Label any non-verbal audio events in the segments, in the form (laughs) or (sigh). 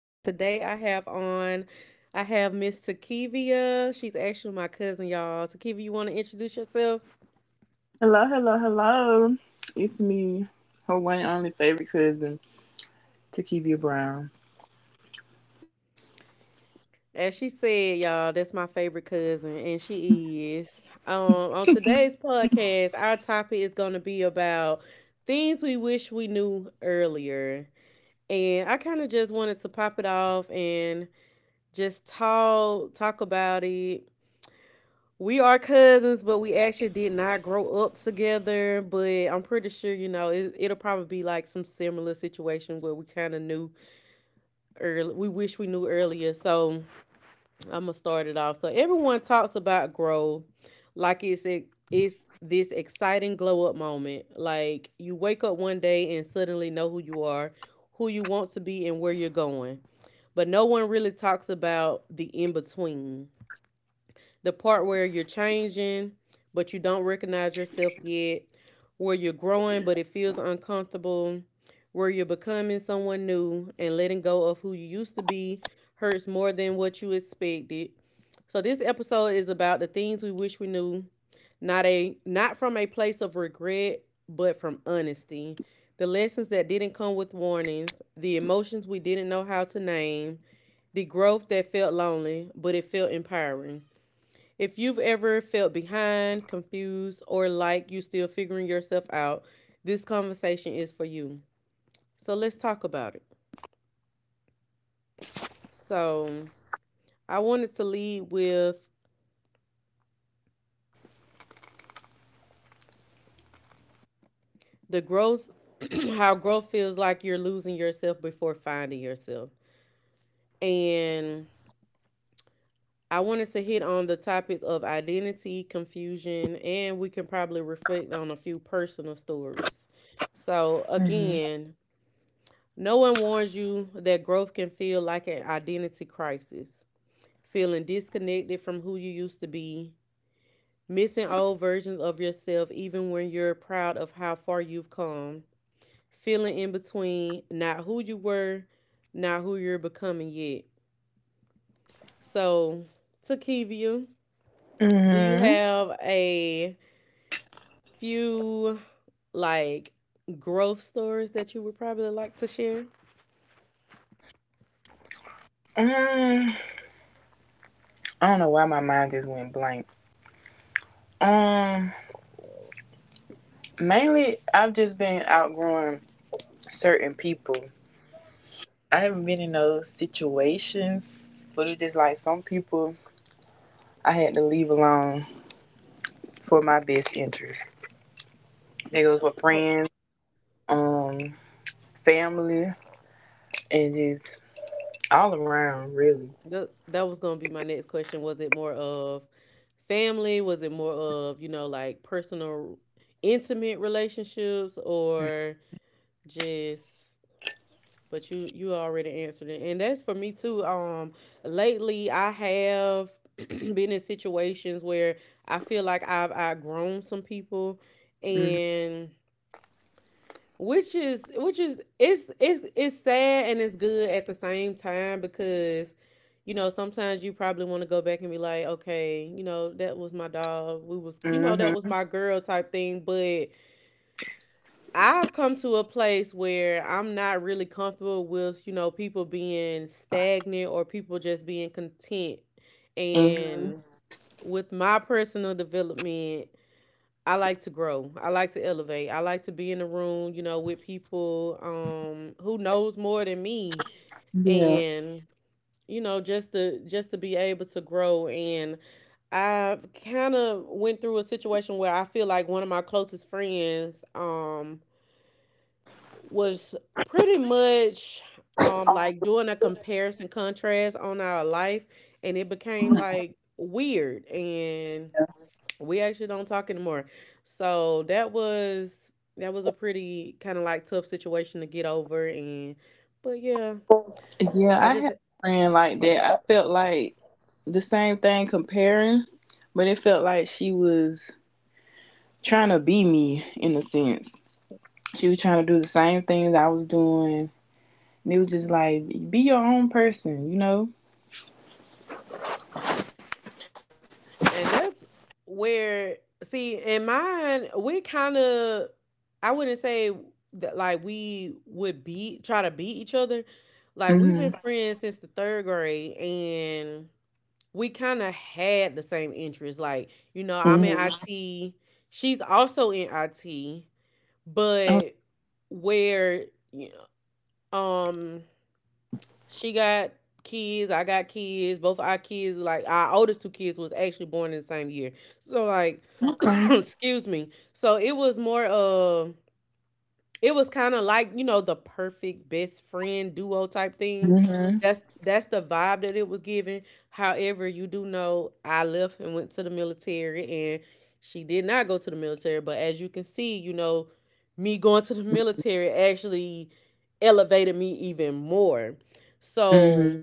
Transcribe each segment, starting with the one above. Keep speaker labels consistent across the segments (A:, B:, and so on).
A: And today I have on, I have Miss Takivia. She's actually my cousin, y'all. Takivia, you want to introduce yourself?
B: Hello, hello, hello. It's me, her one and only favorite cousin, Takivia Brown.
A: As she said, y'all, that's my favorite cousin, and she is. On today's podcast, our topic is going to be about things we wish we knew earlier. And I kind of just wanted to pop it off and just talk about it. We are cousins, but we actually did not grow up together. But I'm pretty sure, you know, it'll probably be like some similar situation where we kind of knew early. We wish we knew earlier. So I'm gonna start it off. So everyone talks about growth, like it's this exciting glow up moment. Like you wake up one day and suddenly know who you are, who you want to be, and where you're going. But no one really talks about the in between, the part where you're changing but you don't recognize yourself yet, where you're growing but it feels uncomfortable, where you're becoming someone new and letting go of who you used to be hurts more than what you expected. So this episode is about the things we wish we knew, not from a place of regret, but from honesty. The lessons that didn't come with warnings, the emotions we didn't know how to name, the growth that felt lonely, but it felt empowering. If you've ever felt behind, confused, or like you're still figuring yourself out, this conversation is for you. So let's talk about it. So I wanted to lead with the growth, (clears throat) how growth feels like you're losing yourself before finding yourself. And I wanted to hit on the topic of identity, confusion, and we can probably reflect on a few personal stories. So,
B: Hmm.
A: again, no one warns you that growth can feel like an identity crisis, feeling disconnected from who you used to be, missing old versions of yourself even when you're proud of how far you've come, feeling in between, not who you were, not who you're becoming yet. So, Takivia, do you
B: Mm-hmm.
A: have a few like growth stories that you would probably like to share?
B: Mm, I don't know why my mind just went blank. Um, Mainly I've just been outgrowing certain people. I haven't been in those situations, but it's just like some people I had to leave alone for my best interest. They goes with friends, um, family, and just all around, really.
A: That was going to be my next question. Was it more of family? Was it more of, you know, like personal, intimate relationships, or just, but you already answered it. And that's for me too. Lately I have (clears throat) been in situations where I feel like I've outgrown some people,
B: Mhm.
A: and which is it's sad and it's good at the same time, because you know sometimes you probably want to go back and be like, okay, you know, that was my dog, we was, you know, that was
B: Mhm.
A: my girl type thing. But I've come to a place where I'm not really comfortable with, you know, people being stagnant or people just being content.
B: Hmm.
A: And with my personal development, I like to grow. I like to elevate. I like to be in the room, you know, with people who knows more than me,
B: Yeah.
A: and you know, just to be able to grow. And I kind of went through a situation where I feel like one of my closest friends was pretty much like doing a comparison contrast on our life, and it became like weird, and we actually don't talk anymore. So that was a pretty kind of like tough situation to get over. And but yeah,
B: Yeah,
A: I
B: I
A: just
B: had a friend like that. I felt like the same thing comparing, but it felt like she was trying to be me in a sense. She was trying to do the same things I was doing. And it was just like, be your own person, you know?
A: and that's where, see in mine we kind of, I wouldn't say that like we would be try to beat each other. Like
B: Mm
A: we've been friends since the third grade, and we kind of had the same interests. Like, you know,
B: hmm.
A: I'm
B: Mm
A: in
B: hmm.
A: IT. She's also in IT,
B: Oh,
A: but where you know, um she got kids, I got kids. Both our kids, like our oldest two kids, was actually born in the same year. So like
B: okay.
A: (coughs) (clears throat) excuse me. So it was more of, it was kinda like, you know, the perfect best friend duo type thing.
B: Mm
A: That's the vibe that it was giving. However, you do know I left and went to the military, and she did not go to the military, but as you can see, you know, me going to the military actually elevated me even more.
B: hmm. Mm
A: So,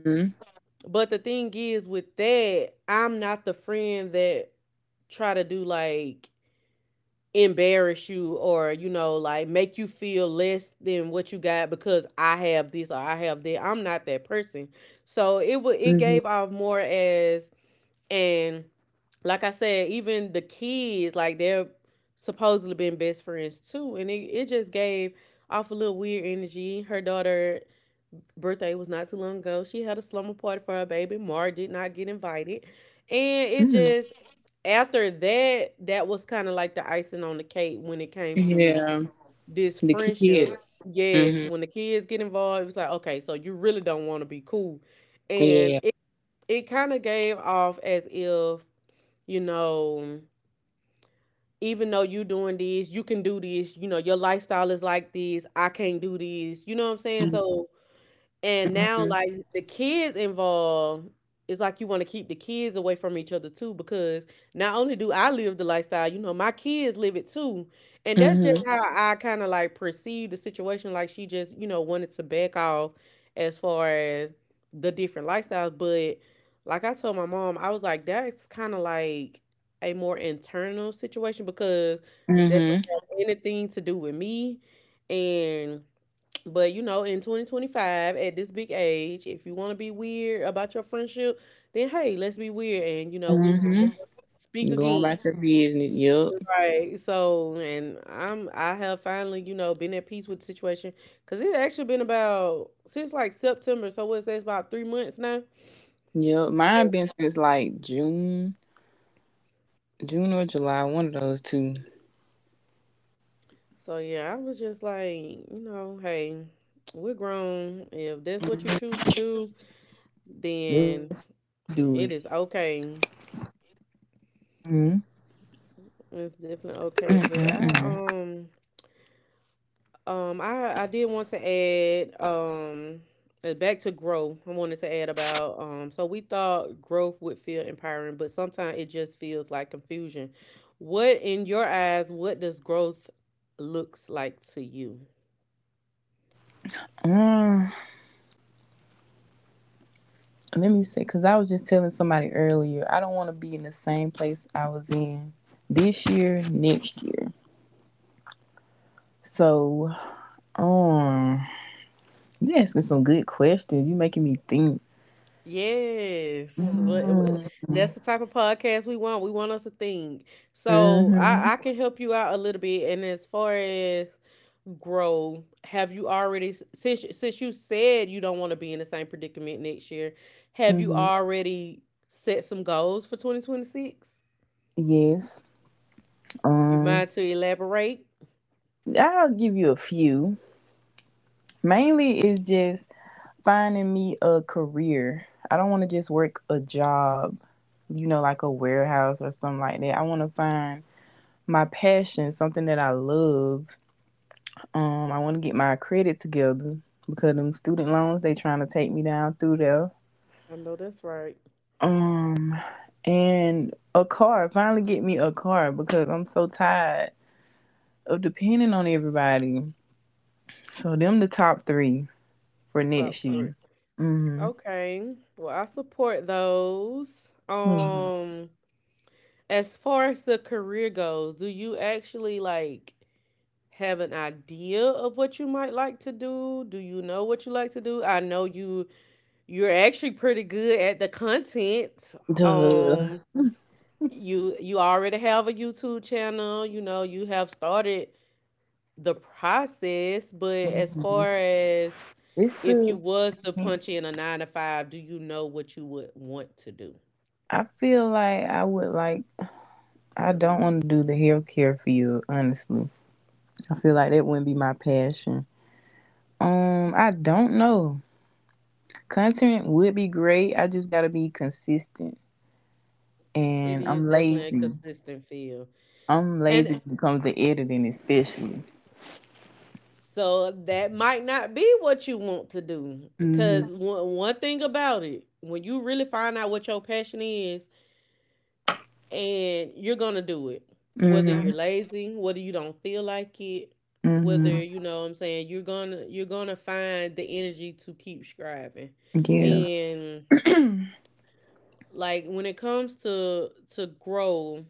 A: but the thing is with that, I'm not the friend that try to do like embarrass you, or you know like make you feel less than what you got because I have this or I have that. I'm not that person.
B: hmm. Mm
A: So
B: hmm.
A: it would, it gave off more as, and like I said, even the kids, like they're supposedly been best friends too, and it just gave off a little weird energy. Her daughter birthday was not too long ago. She had a slumber party for her baby. Mar did not get invited. And
B: Mm.
A: it just, after that, that was kind of like the icing on the cake when it came to
B: Yeah. The
A: this
B: kids.
A: friendship.
B: Mm
A: Yes, when the kids get involved, it was like, okay, so you really don't want to be cool.
B: hmm. Yeah.
A: And it kind of gave off as if, you know, even though you doing this, you can do this, you know, your lifestyle is like this, I can't do
B: Mm
A: this. You know what I'm saying? So,
B: hmm.
A: and now, like the kids involved, it's like you want to keep the kids away from each other too, because not only do I live the lifestyle, you know, my kids live it too. And that's
B: Mm
A: just how I kind of like perceive the situation. Like she just, you know, wanted to back off as far as the different lifestyles. But like I told my mom, I was like, that's kind of like a more internal situation because that
B: hmm.
A: don't
B: Mm
A: have anything to do with me. And but you know, in 2025, at this big age, if you want to be weird about your friendship, then hey, let's be weird, and you know, we will
B: hmm.
A: speak
B: Going
A: again,
B: back to business. Yep,
A: right? So, and I'm I have finally, you know, been at peace with the situation because it's actually been about since like September. So what's that? About three months now.
B: yep. Mine been since like June, June or July, one of those two.
A: So yeah, I was just like, you know, hey, we're grown. If that's what you choose to do,
B: Let's do it.
A: then it is okay.
B: Mm, mm,
A: It's
B: mm,
A: definitely
B: mm.
A: okay, but I did want to add back to growth. I wanted to add about, so we thought growth would feel empowering, but sometimes it just feels like confusion. What in your eyes, what does growth looks like to you?
B: Mm, Let me say, because I was just telling somebody earlier, I don't want to be in the same place I was in this year, next year. So, um, you asking some good questions. You making me think.
A: Yes,
B: Mm,
A: that's the type of podcast we want. We want us to think. So I
B: mm-hmm,
A: I can help you out a little bit, and as far as grow, have you already, since you said you don't want to be in the same predicament next year, have you
B: mm-hmm.
A: already set some goals for 2026?
B: Yes.
A: You
B: Um,
A: mind to elaborate?
B: I'll give you a few. Mainly is just finding me a career. I don't want to just work a job, like a warehouse or something like that. I want to find my passion, something that I love. I want to get my credit together because them student loans they trying to take me down through there.
A: I know that's right.
B: Um, and a car. Finally, get me a car because I'm so tired of depending on everybody. So them the top three for
A: Top
B: next
A: three.
B: year. Mm-hmm.
A: Okay, well, I support those.
B: Mm-hmm.
A: As far as the career goes, do you actually like have an idea of what you might like to do? Do you know what you like to do? I know you, you're actually pretty good at the content.
B: Duh.
A: Um you already have a YouTube channel, you know, you have started the process, but as far as,
B: It's
A: if you
B: the
A: was to punch in a 9 to 5, do you know what you would want to do?
B: I feel like I would like I don't want to do the healthcare field, honestly. I feel like that wouldn't be my passion. I don't know. Content would be great. I just gotta be consistent.
A: It
B: And I'm
A: is definitely a
B: lazy.
A: consistent feel.
B: I'm
A: And
B: lazy when it comes to editing especially.
A: so that might not be what you want to do,
B: Hmm.
A: because one thing about it, when you really find out what your passion is, and you're gonna do it whether
B: Hmm.
A: you're lazy, whether you don't feel like it, whether,
B: Hmm.
A: you know what I'm saying, you're gonna find the energy to keep striving.
B: Yeah.
A: And
B: (clears throat)
A: like when it comes to grow,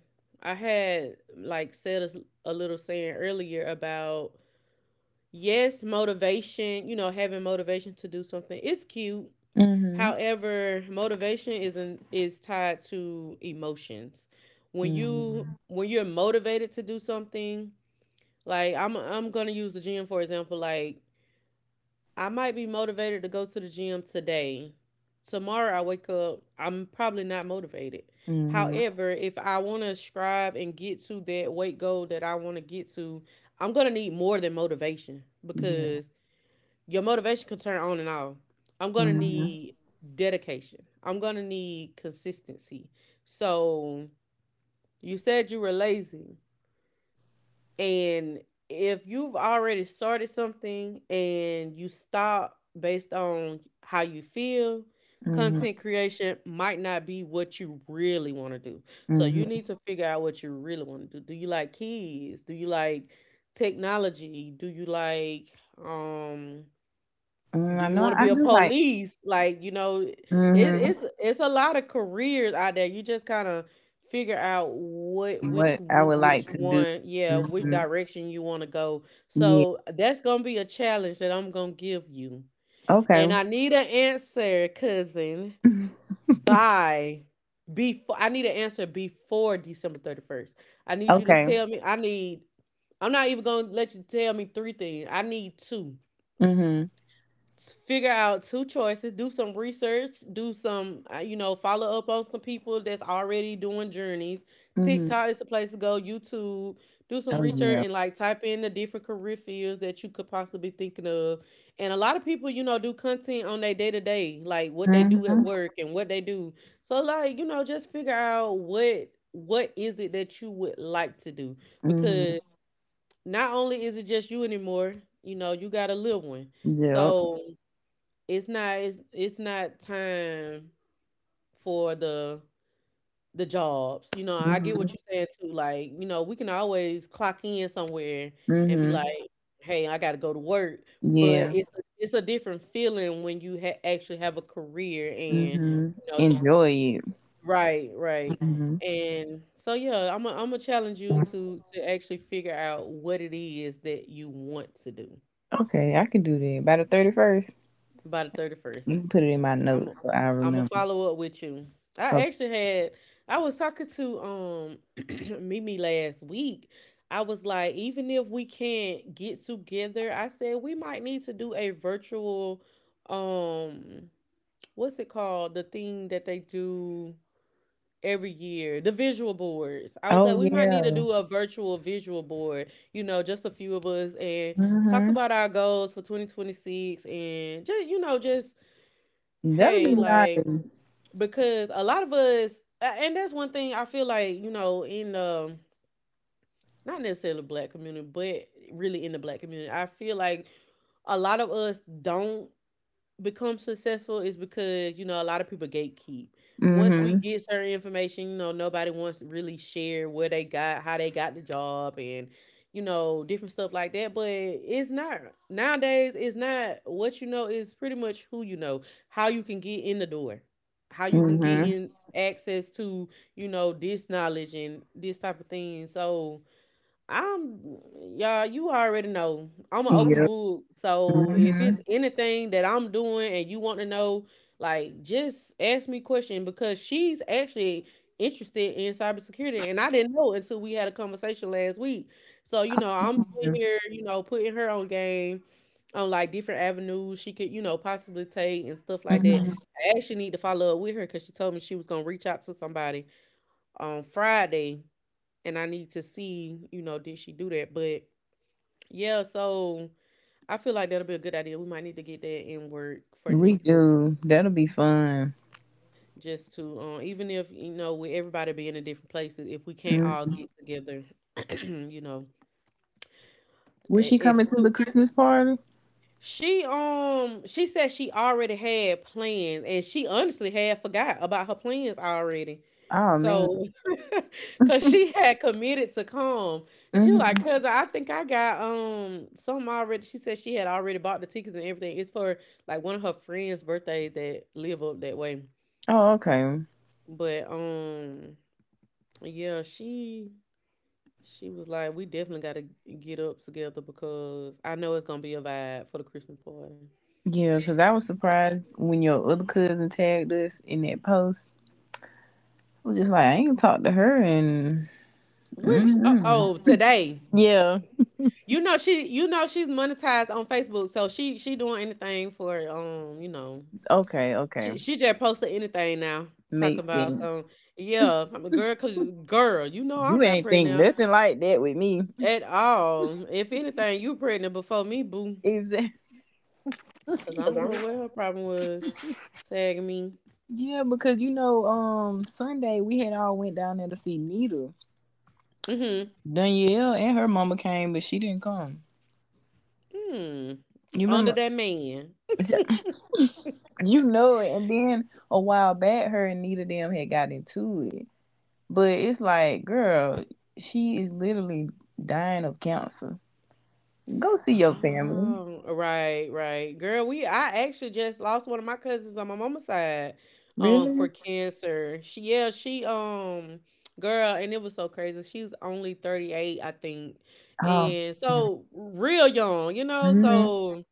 A: I had like said a little saying earlier about, yes, motivation, you know, having motivation to do something is cute.
B: Hmm.
A: However, motivation isn't is tied to emotions. When
B: Hmm.
A: you're motivated to do something, like I'm gonna use the gym for example. Like I might be motivated to go to the gym today. Tomorrow I wake up, I'm probably not motivated.
B: Hmm.
A: However, if I want to strive and get to that weight goal that I want to get to, I'm gonna need more than motivation,
B: Yeah.
A: because your motivation can turn on and off. I'm gonna
B: Mm-hmm.
A: need dedication. I'm gonna need consistency. So you said you were lazy, and if you've already started something and you stop based on how you feel,
B: Hmm.
A: content creation might not be what you really want to do. So you
B: Mm-hmm.
A: need to figure out what you really want to do. Do you like kids? Do you like technology? Do you like um do
B: I
A: you want
B: know
A: to be
B: I
A: a
B: do like.
A: police? Like, you know, it,
B: Mhm.
A: it's it's a lot of careers out there. You just kind of figure out
B: What I would
A: which
B: like to do.
A: one, yeah, which
B: Hmm.
A: direction you want to go.
B: Yeah.
A: So that's gonna be a challenge that I'm gonna give you, and
B: Okay.
A: I need an answer, cousin,
B: (laughs)
A: by before. I need an answer before December 31st. I need you to
B: Okay.
A: tell me. I need. I'm not even gonna let you tell me three things. I need two
B: Mhm.
A: s- Figure out two choices. Do some research. Do some you know, follow up on some people that's already doing journeys.
B: Mhm.
A: TikTok is the place to go, YouTube. Do some
B: Oh
A: research
B: yeah.
A: and like type in the different career fields that you could possibly thinking of. And a lot of people, you know, do content on their day-to-day, like what they do at
B: Mhm.
A: work and what they do. So like, you know, just figure out what is it that you would like to do,
B: Mhm.
A: because not only is it just you anymore. You know, you got a little one.
B: Yep.
A: So it's not time for the jobs. You know, I get what
B: Mhm.
A: you're saying too. Like, you know, we can always clock in somewhere and be
B: Mhm.
A: like, "Hey, I got to go to work." But
B: Yeah.
A: it's a different feeling when you actually have a career and
B: Mhm.
A: you know, you,
B: Enjoy it.
A: right, right.
B: Mhm.
A: And so yeah, I'm gonna challenge you to actually figure out what it is that you want to do
B: Okay, I can do that by the 31st.
A: by the 31st.
B: You can put it in my
A: I'm i
B: notes so I
A: I'm gonna
B: remember.
A: follow up with you.
B: Okay.
A: I actually had I was talking to (clears throat) Mimi last week. I was like, even if we can't get together, I said we might need to do a virtual um what's it called? The thing that they do every year, the visual boards. I was like,
B: Oh
A: we might need to
B: yeah.
A: do a virtual visual board, you know, just a few of us and talk
B: Mhm.
A: about our goals for 2026 and just, you know, just
B: That'll
A: hey,
B: be
A: like,
B: nice.
A: because a lot of us, and that's one thing I feel like, you know, in not necessarily the black community, but really in the black community, I feel like a lot of us don't become successful is because, you know, a lot of people gatekeep. Once we
B: Mhm.
A: get certain information, you know, nobody wants to really share where they got, how they got the job, and you know, different stuff like that. But it's not Nowadays, it's not what you know is pretty much who you know, how you can get in the door, how you can get
B: Mhm.
A: in access to, you know, this knowledge and this type of thing. So I'm y'all, you already know, I'm an open
B: Yep.
A: book. So if it's
B: Mhm.
A: anything that I'm doing and you want to know, like just ask me question, because she's actually interested in cybersecurity. And I didn't know until we had a conversation last week. So, you know, I'm sitting here, you know, putting her on game on like different avenues she could, you know, possibly take and stuff like that.
B: Mhm.
A: I actually need to follow up with her because she told me she was gonna reach out to somebody on Friday, and I need to see, you know, did she do that? But yeah, so I feel like that'll be a good idea. We might need to get that in work for
B: We
A: next week,
B: do. That'll be fun.
A: just to even if you know with everybody being in different places, if we can't all
B: Mm.
A: get together, (clears throat) you know,
B: Was
A: e-
B: she coming to the
A: exclu-
B: Christmas party?
A: she she said she already had plans and she honestly had forgot about her plans already.
B: Oh man.
A: So (laughs) cause
B: (laughs)
A: she had committed to come and she was like,
B: Hmm.
A: cuz I think I got some already. She said she had already bought the tickets and everything. It's for like one of her friends' birthdays that live up that way.
B: Oh okay.
A: But yeah, she was like, we definitely gotta get up together because I know it's gonna be a vibe for the Christmas party.
B: Yeah, because I was surprised when your other cousin tagged us in that post. I was just like, I ain't talked to her and.
A: Which oh,
B: Mm.
A: oh today.
B: Yeah.
A: You know she's monetized on Facebook, so she doing anything for you know,
B: Okay. Okay.
A: she just posted anything now. Talking
B: Makes
A: about
B: sense.
A: some yeah, I'm a girl cause girl, you know,
B: You
A: I'm not
B: ain't think
A: pregnant
B: nothing like that with me. (laughs)
A: at all. If anything, you pregnant before me, boo.
B: Exactly.
A: Cause I don't know what her problem was tagging me.
B: Yeah, because Sunday we had all went down there to see Nita.
A: Mm-hmm.
B: Danielle and her mama came, but she didn't come.
A: Hmm.
B: You
A: Under
B: remember?
A: that man.
B: You know it. And then a while back, her and Nita them had got into it. But it's like, girl, she is literally dying of cancer. Go see your family.
A: Oh, right, right. Girl, we I actually just lost one of my cousins on my mama's side for
B: Really?
A: cancer. She yeah, she Girl, and it was so crazy. She was only 38, I think.
B: Oh.
A: And so real young, you know.
B: Hmm.
A: So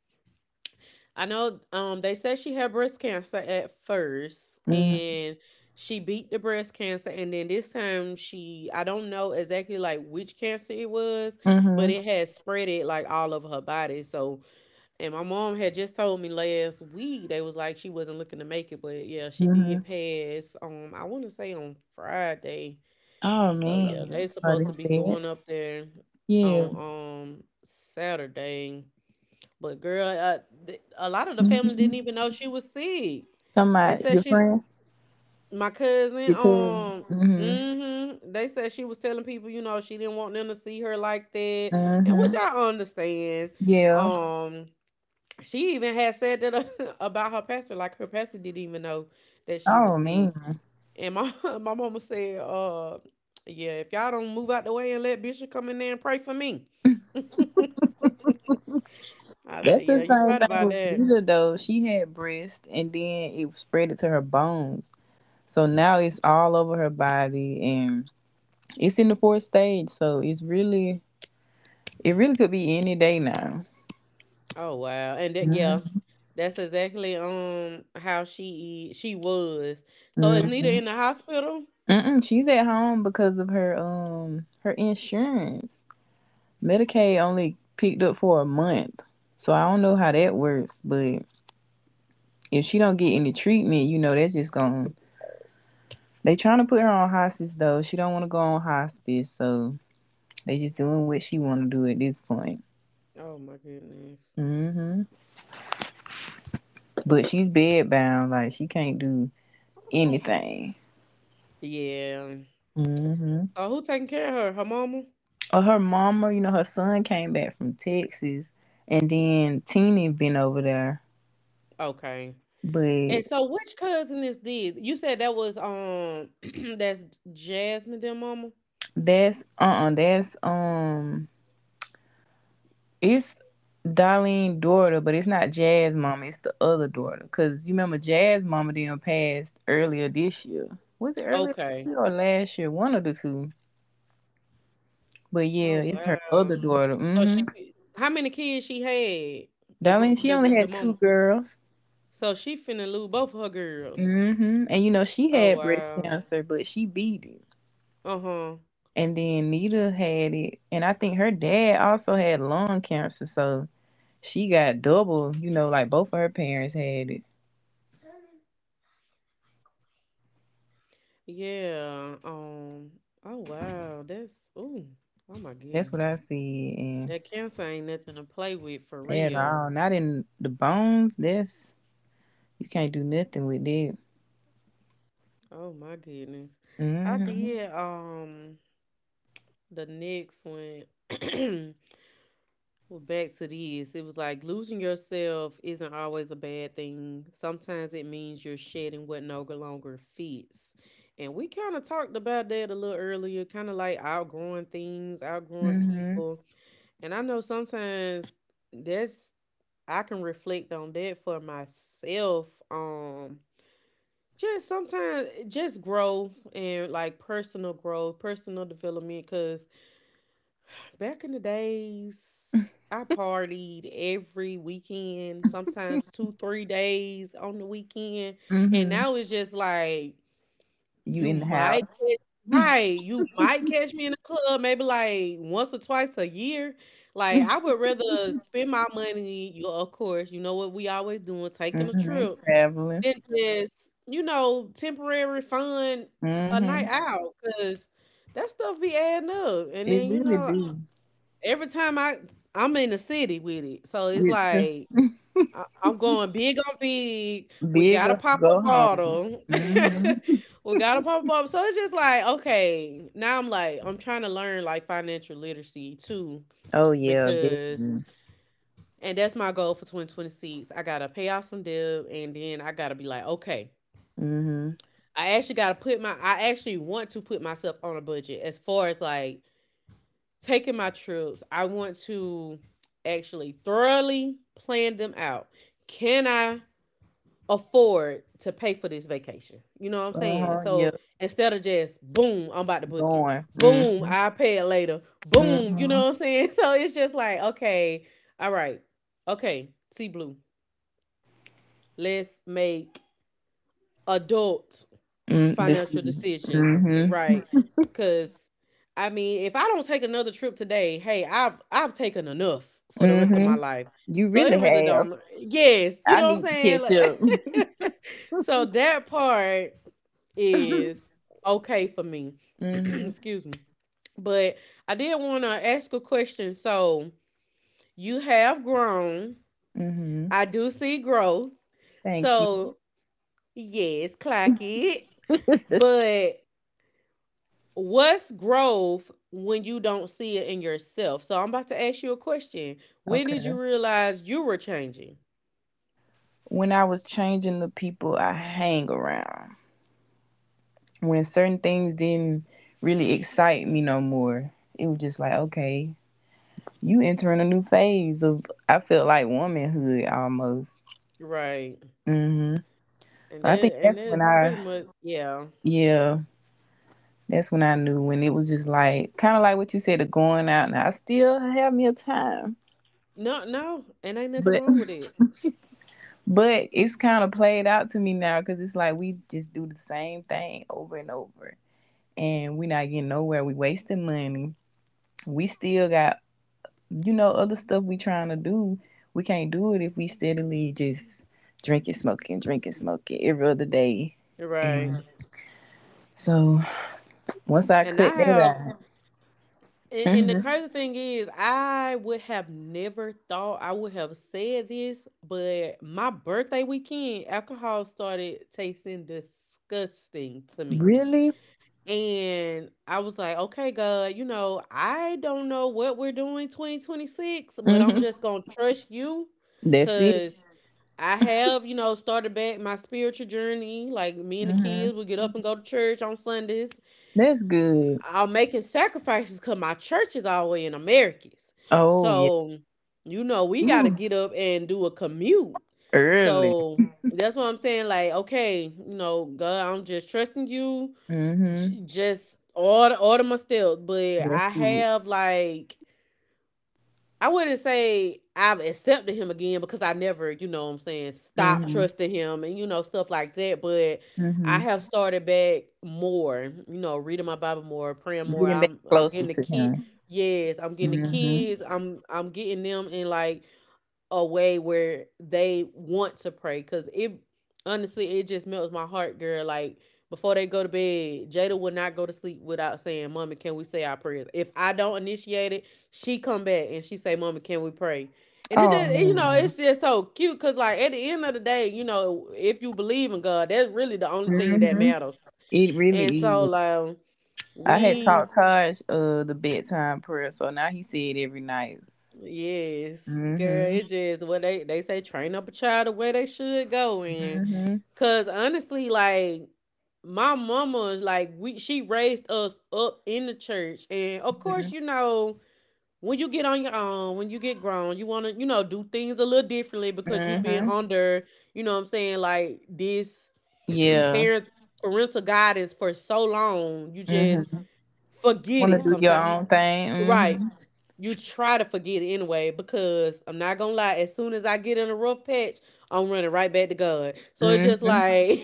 A: I know they said she had breast cancer at first,
B: Hmm.
A: and she beat the breast cancer, and then this time she I don't know exactly like which cancer it was, but
B: Hmm.
A: it had spread it like all over her body. So and my mom had just told me last week they was like she wasn't looking to make it, but yeah, she did
B: Hmm.
A: pass. I want to say on Friday.
B: Oh
A: So yeah,
B: man. I'm
A: they
B: sorry
A: supposed to
B: to
A: be
B: hear
A: going
B: that.
A: up there
B: Yeah.
A: on Saturday. But girl, a lot of the family didn't even
B: Mm-hmm.
A: know she was sick. They
B: Somebody
A: said
B: your
A: she,
B: friend?
A: my cousin,
B: Your cousin. Mm-hmm.
A: they said she was telling people, you know, she didn't want them to see her like that, and which
B: Mm-hmm.
A: I understand.
B: Yeah.
A: Um, she even had said that (laughs) about her pastor, like her pastor didn't even know that she was
B: Oh
A: sick.
B: man.
A: And my (laughs) my mama said, yeah, if y'all don't move out the way and let Bishop come in there and pray for me." (laughs) I
B: That's
A: said,
B: the
A: "Yeah, you're
B: same
A: right
B: thing
A: about
B: with
A: that."
B: Nita though. She had breast and then it spread it to her bones. So now it's all over her body and it's in the fourth stage. So it really could be any day now.
A: Oh wow, and that yeah, that's exactly how she was. So is Nita
B: Mm-hmm.
A: in the hospital?
B: Mm-mm, she's at home because of her insurance. Medicaid only picked up for a month, so I don't know how that works. But if she don't get any treatment, you know they're just going to They trying to put her on hospice though. She don't want to go on hospice, so they just doing what she want to do at this point.
A: Oh my goodness.
B: Hmm. But she's bedbound, like she can't do anything.
A: Yeah.
B: Hmm.
A: So who taking care of her? Her mama?
B: Or her mama, her son came back from Texas, and then Teeny been over there.
A: Okay.
B: But
A: And so which cousin is this? You said that was (clears throat) that's Jasmine their mama?
B: that's it's Darlene daughter, but it's not Jazz mama. It's the other daughter, cause you remember Jazz mama then passed earlier this year. Was it earlier
A: Okay.
B: this year or last year? One of the two. But
A: Oh
B: yeah, it's her other
A: wow.
B: daughter.
A: So
B: Mm-hmm.
A: she how many kids she had?
B: Darlene, she
A: The
B: only had
A: mom.
B: two girls.
A: So she finna lose both of her girls.
B: Hmm. And you know, she
A: Oh
B: had breast
A: wow.
B: cancer, but she beat it.
A: Uh-huh.
B: And then Nita had it. And I think her dad also had lung cancer. So she got double, like both of her parents had it.
A: Yeah. Um, oh wow. That's ooh. Oh my
B: That's
A: goodness.
B: what I see. And
A: That cancer ain't nothing to play with for
B: at
A: real.
B: all, not in the bones. That's, you can't do nothing with that.
A: Oh my goodness. I
B: Mm hmm.
A: did the next one. (clears throat) Well, back to this, it was like losing yourself isn't always a bad thing. Sometimes it means you're shedding what no longer fits. And we kind of talked about that a little earlier, kind of like outgrowing things, outgrowing
B: Mm
A: people. And I know sometimes that's, I can reflect on that for myself. Just sometimes just growth and like personal growth, personal development, cause. Back in the days, I partied every weekend, sometimes two, 3 days on the weekend.
B: hmm. Mm
A: And now
B: hmm.
A: it's just like
B: You
A: you
B: in the
A: might
B: house. (laughs)
A: right. You might catch me in a club maybe like once or twice a year. Like I
B: Mm
A: would rather spend my money, you of course, you know what we always doing, taking a
B: hmm.
A: trip,
B: Traveling.
A: than just, you know, temporary fun
B: Mm
A: a night
B: hmm.
A: out. Cause that stuff be adding up. And
B: It
A: then, you
B: really
A: know,
B: do.
A: every time I'm in the city with it. So it's
B: It's
A: like I'm going big on big. We got a
B: bigger,
A: pop up
B: go home.
A: bottle.
B: Mm-hmm.
A: (laughs) we got a pop up, so it's just like, okay, now I'm like, I'm trying to learn like financial literacy too,
B: Oh yeah,
A: because
B: definitely.
A: and that's my goal for 2026. I gotta pay off some debt and then I gotta be like, okay.
B: Mhm.
A: I actually want to put myself on a budget as far as like taking my trips, I want to actually thoroughly plan them out. Can I afford to pay for this vacation? You know what I'm
B: Uh
A: saying?
B: huh. Yeah,
A: So instead of just boom, I'm about to book it.
B: going.
A: Boom,
B: Mhm.
A: I'll pay it later. Boom, you
B: Mhm.
A: know what I'm saying? (laughs) So it's just like, okay, all right, okay, see blue. Let's make adult
B: Mm. This.
A: financial decisions,
B: Mhm.
A: right? Cuz I mean, if I don't take another trip today, hey, I've taken enough for the rest of my
B: Mhm.
A: life.
B: You
A: So
B: really
A: it really
B: have.
A: don't. Yes, you
B: I
A: know what I'm
B: need to
A: saying?
B: catch up.
A: Like (laughs) so that part
B: (laughs)
A: is okay for me. (clears throat)
B: Mhm.
A: Excuse me. But I did want to ask a question. So you have grown.
B: Mhm.
A: I do see growth.
B: Thank you.
A: So yes, clock it.
B: (laughs)
A: But what's growth when you don't see it in yourself? So I'm about to ask you a question. When did
B: Okay.
A: you realize you were changing?
B: When I was changing the people I hang around, when certain things didn't really excite me no more, it was just like, okay, you entering a new phase of. I felt like womanhood almost.
A: Right.
B: Mm-hmm.
A: And
B: I
A: then
B: think
A: and
B: that's when
A: that
B: I,
A: pretty much yeah.
B: yeah, that's when I knew when it was just like kind of like what you said, of going out. Now I still have me a time,
A: No, no, and ain't nothing
B: but
A: wrong with it.
B: (laughs) but it's kind of played out to me now because it's like we just do the same thing over and over, and we're not getting nowhere. We wasting money. We still got other stuff we trying to do. We can't do it if we steadily just drinking, smoking every other day,
A: Right.
B: and so once I
A: And I
B: cut
A: have
B: that
A: and,
B: out.
A: and the
B: Hmm.
A: crazy thing is I would have never thought I would have said this, but my birthday weekend alcohol started tasting disgusting to me.
B: Really?
A: And I was like, okay, God, you know, I don't know what we're doing 2026, but I'm
B: Hmm.
A: just going to trust you
B: That's it.
A: because I have, you know, started back my spiritual journey. Like me and the
B: Hmm.
A: kids, we get up and go to church on Sundays.
B: That's good.
A: I'm making sacrifices because my church is all the way in Americas.
B: Oh yeah.
A: So, you know, we got to
B: Ooh,
A: get up and do a commute.
B: early.
A: So that's what I'm saying. Like, okay, you know, God, I'm just trusting you j-
B: Hmm.
A: just all all to my steps, but
B: That's
A: I
B: it.
A: have like I wouldn't say I've accepted him again because I never, you know what I'm saying, stop
B: Hmm.
A: trusting him and you know stuff like that, but I
B: Hmm.
A: have started back more, you know, reading my Bible more, praying more.
B: Getting back closer to him.
A: I'm getting the
B: Hmm.
A: kids. I'm getting them in like a way where they want to pray because it honestly it just melts my heart, girl. Like before they go to bed, Jada will not go to sleep without saying, "Mommy, can we say our prayers?" If I don't initiate it, she come back and she say, "Mommy, can we pray?" And it's
B: Oh
A: just, you know,
B: man.
A: it's just so cute because like at the end of the day, you know, if you believe in God, that's really the only thing that
B: Hmm.
A: matters.
B: It really
A: And so
B: is.
A: like
B: I had
A: we
B: taught Taj the bedtime prayer, so now he said every night.
A: Yes, girl, it
B: Hmm.
A: just what they say, train up a child the way they should go in.
B: Hmm.
A: Cause honestly, like my mama's like we she raised us up in the church, and of course, you
B: Hmm.
A: know, when you get on your own, when you get grown, you wanna, you know, do things a little differently because you've been
B: Hmm.
A: under, you know what I'm saying, like this (clears throat)
B: Yeah.
A: parent parental guidance for so long, you just
B: Hmm.
A: forget
B: Want to
A: it
B: do your
A: sometimes. You
B: own thing.
A: Right,
B: Hmm.
A: you try to forget it anyway because I'm not gonna lie, as soon as I get in a rough patch, I'm running right back to God. So it's just
B: Hmm.
A: like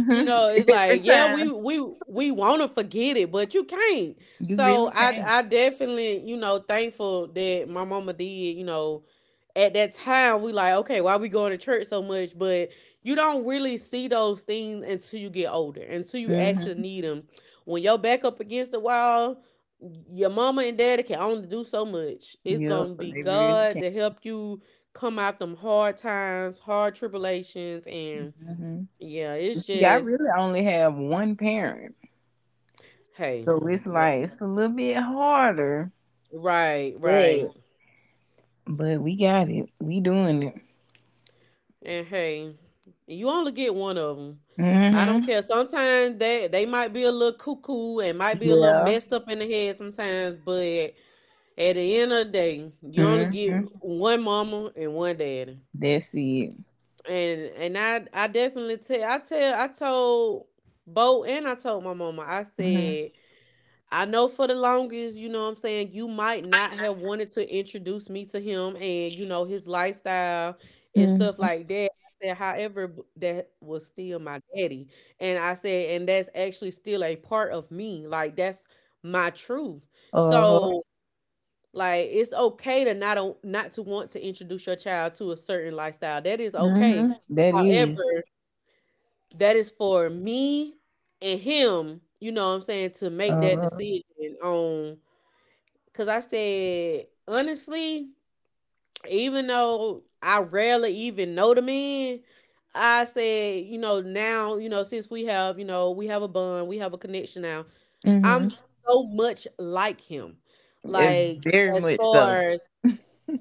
A: (laughs) you know, it's
B: (laughs) Every
A: like, yeah, we
B: time.
A: we we wanna forget it, but you can't.
B: You
A: So
B: really
A: I
B: can.
A: I definitely, you know, thankful that my mama did, you know. At that time we like, okay, why we going to church so much? But you don't really see those things until you get older, until you actually
B: Mm-hmm.
A: need them. When your back up against the wall, your mama and daddy can only do so much. It's
B: Yep,
A: gonna
B: they
A: be
B: really can.
A: God to help you come out them hard times, hard tribulations, and
B: Hmm.
A: yeah, it's
B: See, I
A: just
B: really only have one parent,
A: hey,
B: so it's
A: that,
B: like it's a little bit harder,
A: right,
B: but
A: right.
B: but we got it. We doing it.
A: And hey, you only get one of them. I don't
B: Hmm.
A: care. Sometimes they might be a little cuckoo and might be a little
B: Yeah.
A: messed up in the head sometimes, but at the end of the day, you only
B: Hmm.
A: get one mama and one daddy.
B: That's it.
A: And I definitely tell I told Bo and I told my mama. I
B: Hmm.
A: said I know for the longest, you know what I'm saying, you might not have wanted to introduce me to him and, you know, his lifestyle and stuff
B: Hmm.
A: like that. I said, however, that was still my daddy. And I said, and that's actually still a part of me. Like that's my truth.
B: Uh huh.
A: So like it's okay to not not to want to introduce your child to a certain lifestyle. That is okay.
B: Hmm. That
A: However,
B: is.
A: that is for me and him, you know what I'm saying, to make
B: Uh
A: that
B: huh.
A: decision on. Cause I said, honestly, even though I rarely even know the man, I said, you know, now, you know, since we have, you know, we have a bond, we have a connection now.
B: Hmm.
A: I'm so much like him.
B: It's
A: Like
B: very
A: as
B: much so.
A: far as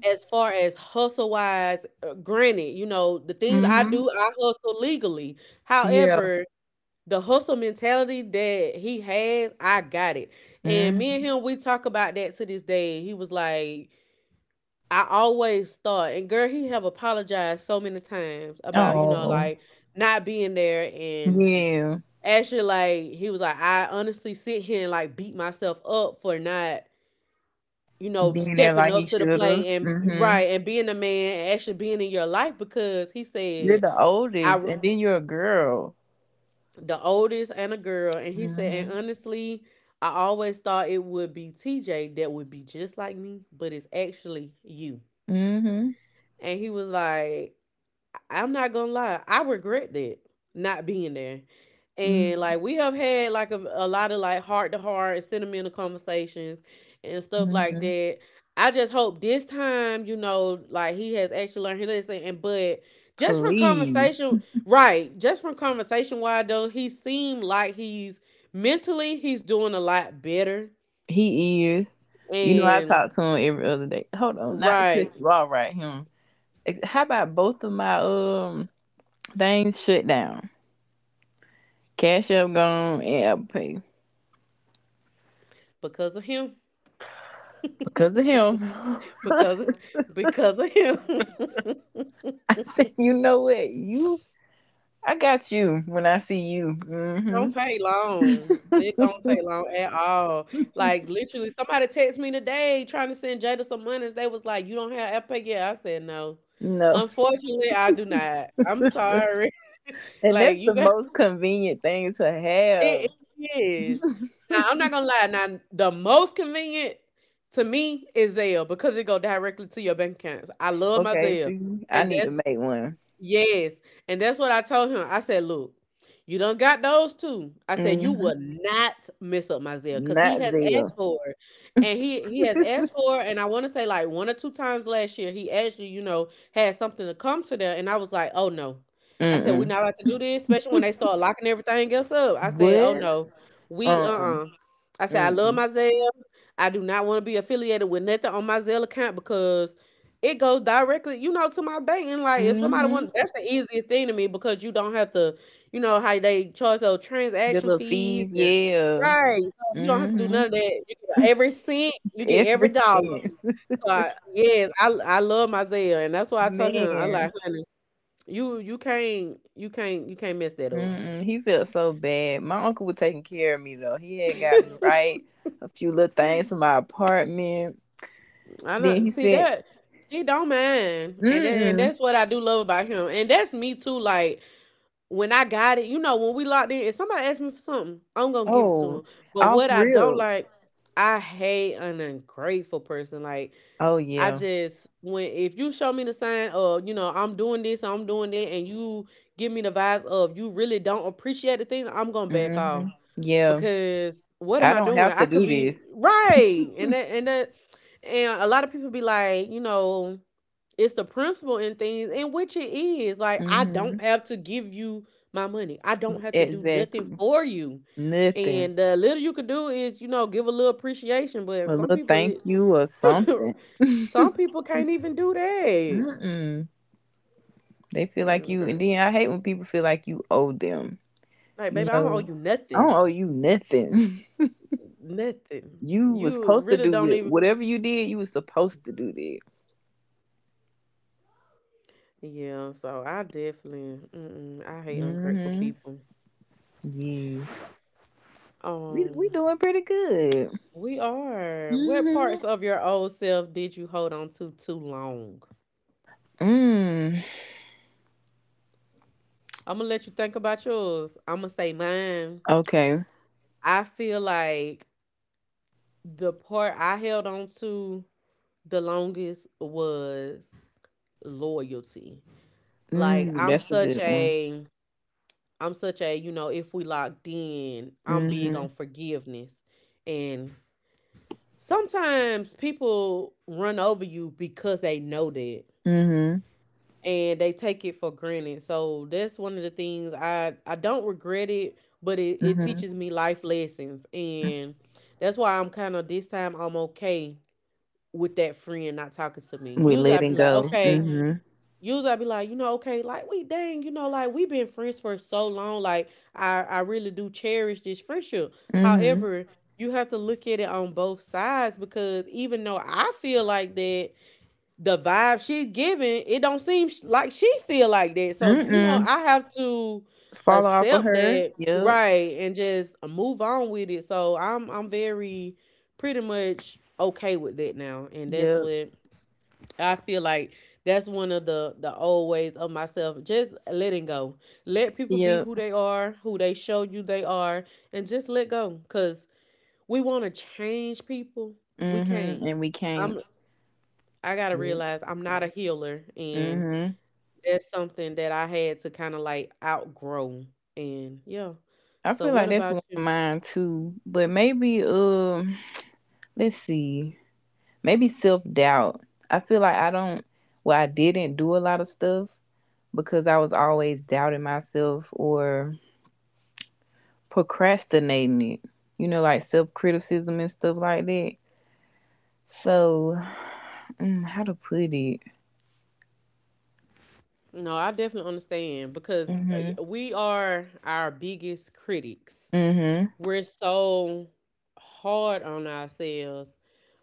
A: as far as hustle wise, granted, you know, the things I
B: Hmm.
A: do, I hustle legally.
B: Yeah.
A: However, the hustle mentality that he has, I got it. And me
B: Hmm.
A: and him, we talk about that to this day. He was like, I always thought, and girl, he have apologized so many times about, you know,
B: Oh.
A: like not being there and
B: Yeah.
A: actually like he was like, I honestly sit here and like beat myself up for not, you know,
B: Being there
A: stepping
B: like he
A: up to the
B: should have.
A: plate and
B: Hmm.
A: right and being a man and actually being in your life because he
B: You're
A: said
B: the
A: I
B: oldest,
A: r-
B: and then you're a girl.
A: the oldest and a girl, and he said,
B: Mm.
A: and honestly I always thought it would be TJ that would be just like me, but it's actually you.
B: Mhm. Mm.
A: And he was like, I'm not gonna lie, I regret that not being there. And
B: Mhm.
A: like we have had like a lot of like heart to heart and sentimental conversations and stuff
B: Mm.
A: like
B: Mhm.
A: that. I just hope this time, you know, like he has actually learned his lesson. And but just from
B: Please,
A: conversation, right? Just from conversation wise though, he seemed like he's mentally he's doing a lot better.
B: he is. You know, I
A: And
B: talk to him every other day. Hold on, not to
A: right,
B: cut you off right him. How about both of my things shut down? Cash App gone and Apple Pay
A: because of him.
B: because of him. (laughs)
A: Because (laughs) because of him. (laughs)
B: I said, you know what, you. I got you when I see you. Mm
A: Don't take long. It
B: hmm.
A: don't take long at all. Like literally, somebody text me today trying to send Jada some money. They was like, "You don't have Apple yet?" I said no.
B: (laughs) No.
A: Unfortunately, I do not. I'm
B: (laughs)
A: sorry. (laughs)
B: And
A: Like
B: that's
A: you
B: the
A: got
B: most convenient thing to
A: (laughs) it
B: have.
A: is. Now I'm not gonna lie. Now the most convenient to me is Zelle because it go directly to your bank accounts. I love my
B: Okay,
A: Zelle,
B: see, I
A: and
B: need to
A: that's
B: make one.
A: Yes, and that's what I told him. I said, "Look, you done got those two. I said you
B: Mm-hmm.
A: will not mess up my Zelle because he
B: Not
A: has
B: Zell.
A: asked for it, and he has asked for it. And I want to say like one or two times last year, he actually you know had something to come to there, and I was like, oh no. I said we're
B: Mm-mm.
A: not about to do this, especially when they start locking everything else up. I said, oh
B: What?
A: no, we
B: Uh-uh.
A: I said I love
B: Mm-mm.
A: my Zelle. I do not want to be affiliated with nothing on my Zelle account because it goes directly, you know, to my bank. And like, if somebody
B: Mm-hmm.
A: want, that's the easiest thing to me because you don't have to, you know, how they charge those
B: The
A: transaction
B: little
A: fees
B: fees,
A: and
B: yeah.
A: right. So you don't have to do none of
B: Mm-hmm.
A: that. You get
B: (laughs)
A: every cent, you get every
B: Every
A: dollar.
B: cent.
A: So I, yes, I love my Zelle, and that's why I told him, I like,
B: Man.
A: honey, you can't mess that up.
B: Mm-mm. He felt so bad. My uncle was taking care of me, though. He had got me
A: (laughs)
B: right a few little things for my apartment.
A: I
B: Then
A: know.
B: he
A: See
B: sent,
A: that he don't mind, and
B: mm-mm.
A: that's what I do love about him, and that's me too. Like when I got it, you know, when we locked in, if somebody asks me for something, I'm gonna give it to
B: Oh,
A: him. But
B: off
A: what I don't
B: real.
A: like, I hate an ungrateful person. Like
B: Oh,
A: I
B: yeah.
A: just when if you show me the sign of you know I'm doing this, I'm doing that, and you give me the vibes of you really don't appreciate the thing, I'm gonna back off
B: Mm-hmm. Yeah.
A: because what am
B: I
A: I
B: don't
A: doing?
B: have
A: I
B: to
A: could
B: do
A: be
B: this.
A: right, and and a lot of people be like, you know, it's the principle in things, and which it is. Like I don't
B: Hmm.
A: have to give you my money. I don't have to do nothing
B: Exactly.
A: for you,
B: Nothing.
A: and the little you could do is, you know, give a little appreciation. But
B: A
A: some
B: little
A: people, it,
B: thank you or something.
A: (laughs)
B: (laughs)
A: some people can't even do that.
B: Mm-mm. They feel like
A: Mm,
B: you, and then
A: girl,
B: I hate when people feel like you owe them.
A: like
B: You
A: baby, I don't owe
B: know,
A: you
B: I don't
A: nothing,
B: owe you nothing. (laughs)
A: nothing.
B: You was
A: You
B: supposed to
A: really
B: do
A: don't
B: it.
A: even
B: Whatever you did, you was supposed to do that.
A: Yeah, so I definitely, mm-mm, I hate ungrateful
B: Mm-hmm.
A: people.
B: Yes. We
A: Um,
B: doing pretty good.
A: we are. What
B: Mm-hmm.
A: parts of your old self did you hold on to too long?
B: Mm.
A: I'm gonna let you think about yours. I'm gonna say mine.
B: Okay.
A: I feel like the part I held on to the longest was loyalty. Like I'm
B: That's a
A: such
B: good one.
A: a, I'm such a, you know, if we locked in, I'm big
B: Mm-hmm.
A: on forgiveness, and sometimes people run over you because they know that,
B: Mm-hmm.
A: and they take it for granted. So that's one of the things I don't regret it, but it
B: Mm-hmm.
A: teaches me life lessons. And that's why I'm kind of this time I'm okay with that friend not talking to me.
B: We
A: Usually I'd be
B: letting
A: like,
B: go. Mm.
A: okay,
B: Mhm.
A: usually I be like, you know, okay, like you know, like we've been friends for so long. Like I really do cherish this friendship.
B: Mm.
A: However,
B: Mhm.
A: you have to look at it on both sides because even though I feel like that, the vibe she's giving, it don't seem like she feel like that. So you know,
B: Mm-mm.
A: I have to
B: Fall off of
A: accept
B: her.
A: that,
B: Yep.
A: right, and just move on with it. So I'm very, pretty much okay with that now, and that's
B: Yep.
A: what I feel like that's one of the old ways of myself. Just letting go. Let people be
B: Yep.
A: who they are, who they show you they are, and just let go. Cause we want to change people. We
B: Mhm.
A: can't.
B: And we
A: I'm
B: can't.
A: I gotta
B: Yep.
A: realize I'm not a healer, and
B: Mhm.
A: that's something that I had to kind of like outgrow. And yeah.
B: I
A: So
B: feel
A: what
B: like that's
A: about
B: one of
A: you?
B: mine too. But maybe let's see. Maybe self-doubt. I feel like I don't well I didn't do a lot of stuff because I was always doubting myself or procrastinating it. You know like self-criticism and stuff like that. So, how to put it?
A: No, I definitely understand because
B: Hmm.
A: we are our biggest critics.
B: Mhm.
A: We're so hard on ourselves.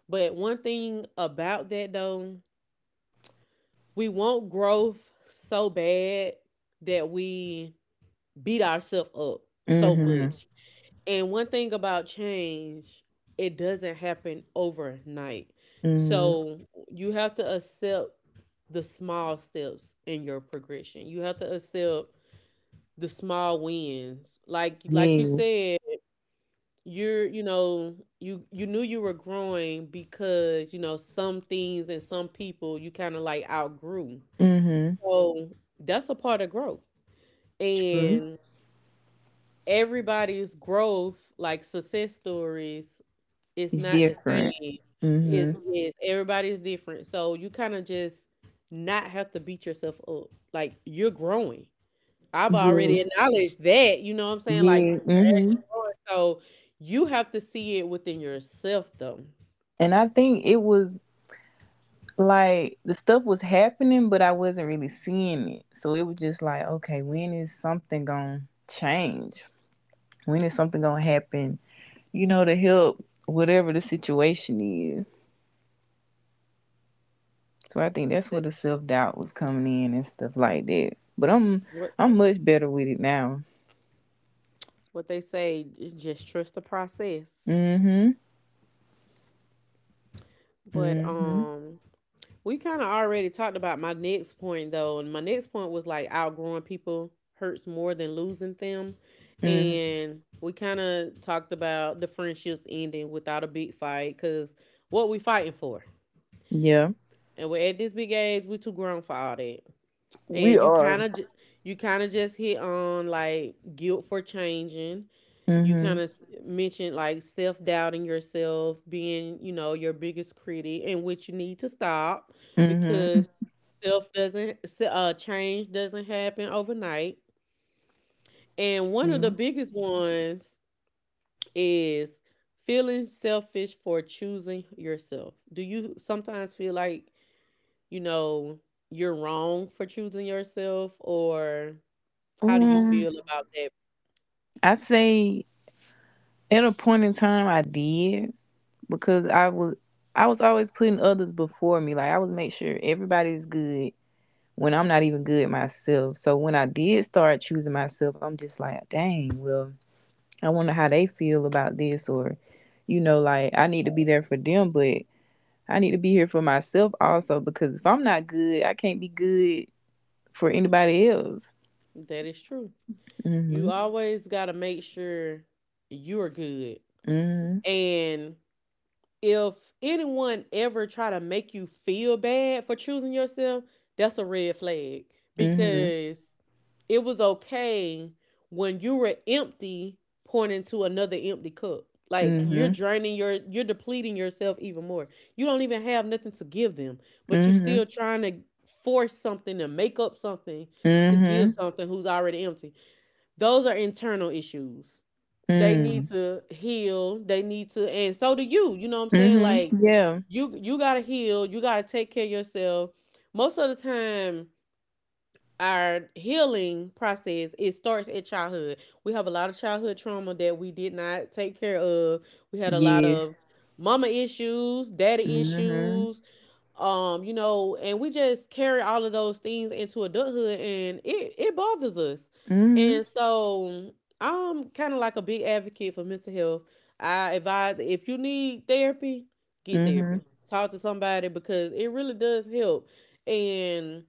A: But one thing about that though, we want growth so bad that we beat ourselves up so
B: Mhm.
A: much. And one thing about change, it doesn't happen overnight.
B: Mhm.
A: So you have to accept the small steps in your progression. You have to accept the small wins. Like you
B: Yes.
A: said, you're, you know, you knew you were growing because you know some things and some people you kind of like outgrew.
B: Mhm.
A: So that's a part of growth,
B: True.
A: and everybody's growth, like success stories, is
B: It's
A: not the
B: different.
A: same. is
B: Mhm.
A: is everybody's different, so you kind of just not have to beat yourself up. Like you're growing, I've already
B: Yes.
A: acknowledged that. You know what I'm saying? Like
B: Yeah.
A: you're actually
B: Mhm.
A: growing. So you have to see it within yourself though.
B: And I think it was like the stuff was happening, but I wasn't really seeing it. So it was just like, okay, when is something gonna change? When is something gonna happen? You know, to help whatever the situation is. So I think that's where
A: That
B: the self doubt was coming in and stuff like that. But I'm
A: what
B: I'm much better with it now.
A: what they say, just trust the process.
B: Mm-hmm.
A: But
B: Mhm.
A: we kind of already talked about my next point though, and my next point was like outgrowing people hurts more than losing them,
B: Mhm.
A: and we kind of talked about the friendships ending without a big fight. Because what we fighting for,
B: Yeah.
A: and we're at this big age, we too grown for all that,
B: We
A: and you kind
B: are.
A: of you kind of just hit on like guilt for changing. You kind
B: Mhm.
A: of mentioned like self doubting yourself, being, you know, your biggest critic, and which you need to stop.
B: Mhm.
A: Because self doesn't, se- change doesn't happen overnight. And one of the
B: Mhm.
A: biggest ones is feeling selfish for choosing yourself. Do you sometimes feel like, you know, you're wrong for choosing yourself, or how do you
B: Um,
A: feel about that?
B: I say at a point in time I did because I was always putting others before me. Like I would make sure everybody's good when I'm not even good myself. So when I did start choosing myself, I'm just like, dang, well, I wonder how they feel about this or like I need to be there for them, but I need to be here for myself also because if I'm not good, I can't be good for anybody else.
A: That is true. You
B: Mm.
A: always got to make sure you're good.
B: Mhm.
A: And if anyone ever try to make you feel bad for choosing yourself, that's a red flag.
B: Mm.
A: Because it was okay when you were empty pointing to another empty cup. Like
B: Mhm.
A: you're depleting yourself even more. You don't even have nothing to give them,
B: Mm.
A: but you're
B: Mhm.
A: still
B: Mm.
A: trying to force something, to make up something, to give
B: Mhm. Mhm.
A: something who's already empty. Those are internal issues. They
B: Mhm.
A: need
B: Mm.
A: to heal. They need to, and so do you. You know what I'm saying?
B: Mhm.
A: Like
B: Yeah.
A: you gotta heal. You gotta take care of yourself. Most of the time, our healing process it starts at childhood. We have a lot of childhood trauma that we did not take care of. We had a lot
B: Yes.
A: of mama issues, daddy
B: Mm. Mhm.
A: issues, you know, and we just carry all of those things into adulthood, and it bothers us.
B: Mm.
A: And so I'm kind of like a big advocate for mental health. I advise if you need therapy, get
B: Mhm.
A: therapy. Talk to somebody, because it really does help. And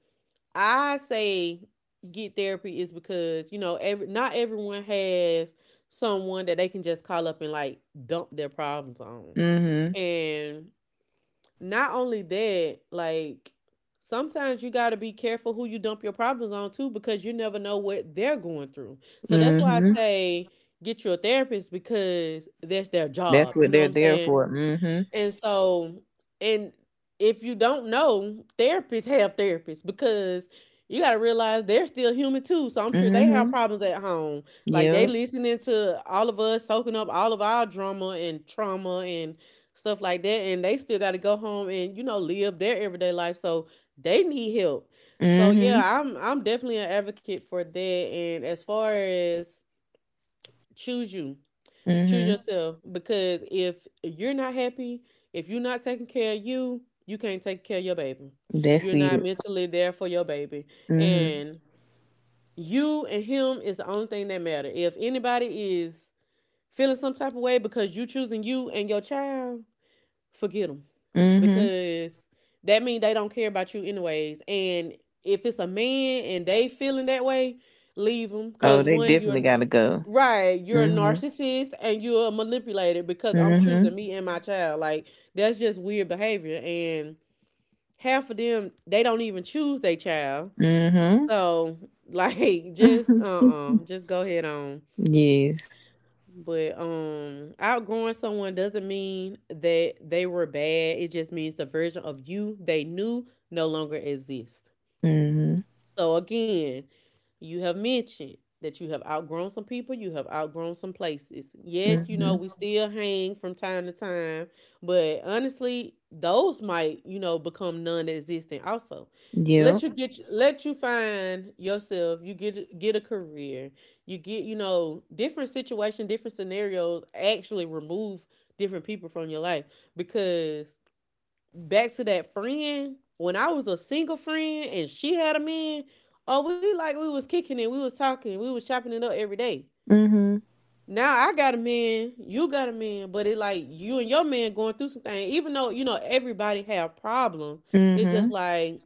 A: I say get therapy is because, you know, every not everyone has someone that they can just call up and like dump their problems on.
B: Mm. Mhm. Mm. Mhm.
A: And not only that, like sometimes you got to be careful who you dump your problems on too, because you never know what they're going through. So
B: Mm.
A: that's why I
B: Mhm.
A: say get you a therapist, because that's their
B: That's
A: job. You
B: what
A: know what
B: they're
A: I'm
B: there
A: saying?
B: for. Mm. Mhm.
A: And so, and if you don't know, therapists have therapists because you got to realize they're still human too. So I'm
B: Mm.
A: sure they have
B: Mhm.
A: problems at home. Like they
B: Yep.
A: listening to all of us, soaking up all of our drama and trauma and stuff like that. And they still got to go home and, you know, live their everyday life. So they need help. So
B: Mhm.
A: yeah, I'm definitely an advocate for that. And as far as choose you,
B: Mm.
A: choose
B: Mhm.
A: yourself, because if you're not happy, if you're not taking care of you, you can't take care of your baby.
B: That's
A: You're not
B: it.
A: mentally there for your baby.
B: Mm. Mhm.
A: And you and him is the only thing that matter. If anybody is feeling some type of way because you choosing you and your child, forget them,
B: Mm. Mhm.
A: because that means they don't care about you anyways. And if it's a man and they feeling that way, leave them,
B: Oh,
A: because
B: they
A: one, you're
B: definitely gotta go.
A: right, you're a
B: Mm.
A: narcissist and you're a manipulator, because
B: Mhm.
A: I'm
B: Mm.
A: choosing
B: Mhm.
A: me and my child. Like that's just weird behavior. And half of them, they don't even choose their child.
B: Mm. Mhm.
A: So like (laughs)
B: (laughs)
A: just go ahead on.
B: Yes.
A: But outgrowing someone doesn't mean that they were bad. It just means the version of you they knew no longer exists.
B: Mm. Mhm.
A: So again, you have mentioned that you have outgrown some people, you have outgrown some places. Yes,
B: Mm.
A: you know,
B: Mhm.
A: we still hang from time to time, but honestly, those might, you know, become non-existent also. Let
B: Yep.
A: you get, let you find yourself, you get a career, you get, you know, different situation, different scenarios actually remove different people from your life. Because back to that friend, when I was a single friend and she had a man, oh, we like we was kicking it, we was talking, we was chopping it up every day.
B: Mhm.
A: Now I got a man, you got a man, but it like you and your man going through some things. Even though you know everybody have problems, it's just
B: Mhm.
A: like,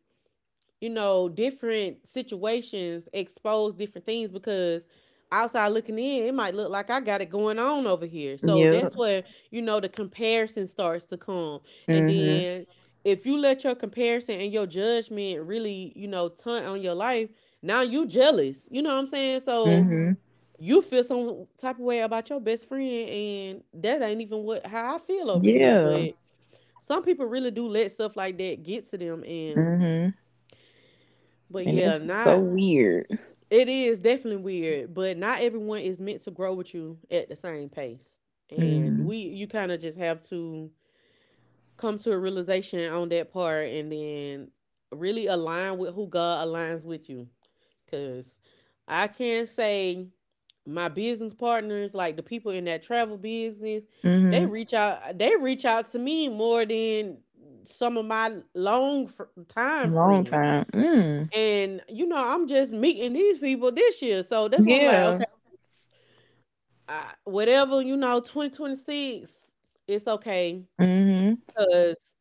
A: you know, different situations expose different things, because outside looking in, it might look like I got it going on over here. So that's
B: Yep.
A: where, you know, the comparison starts to come. And
B: Mhm.
A: then if you let your comparison and your judgment really, you know, tunt on your life, now you jealous. You know what I'm saying? So
B: Mhm.
A: you feel some type of way about your best friend, and that ain't even what how I feel over here.
B: Yeah.
A: But some people really do let stuff like that get to them. And
B: Mhm.
A: but
B: And
A: yeah,
B: it's so
A: not
B: weird.
A: it is definitely weird, but not everyone is meant to grow with you at the same pace. And
B: Mhm.
A: we you kind of just have to come to a realization on that part, and then really align with who God aligns with you. Cause I can say my business partners, like the people in that travel business,
B: Mhm.
A: they reach out to me more than some of my long time
B: Long
A: friends.
B: time. Mm.
A: And you know I'm just meeting these people this year, so that's why I'm like, okay,
B: Yeah.
A: I, whatever, you know, 2026, it's okay.
B: Mhm.
A: Because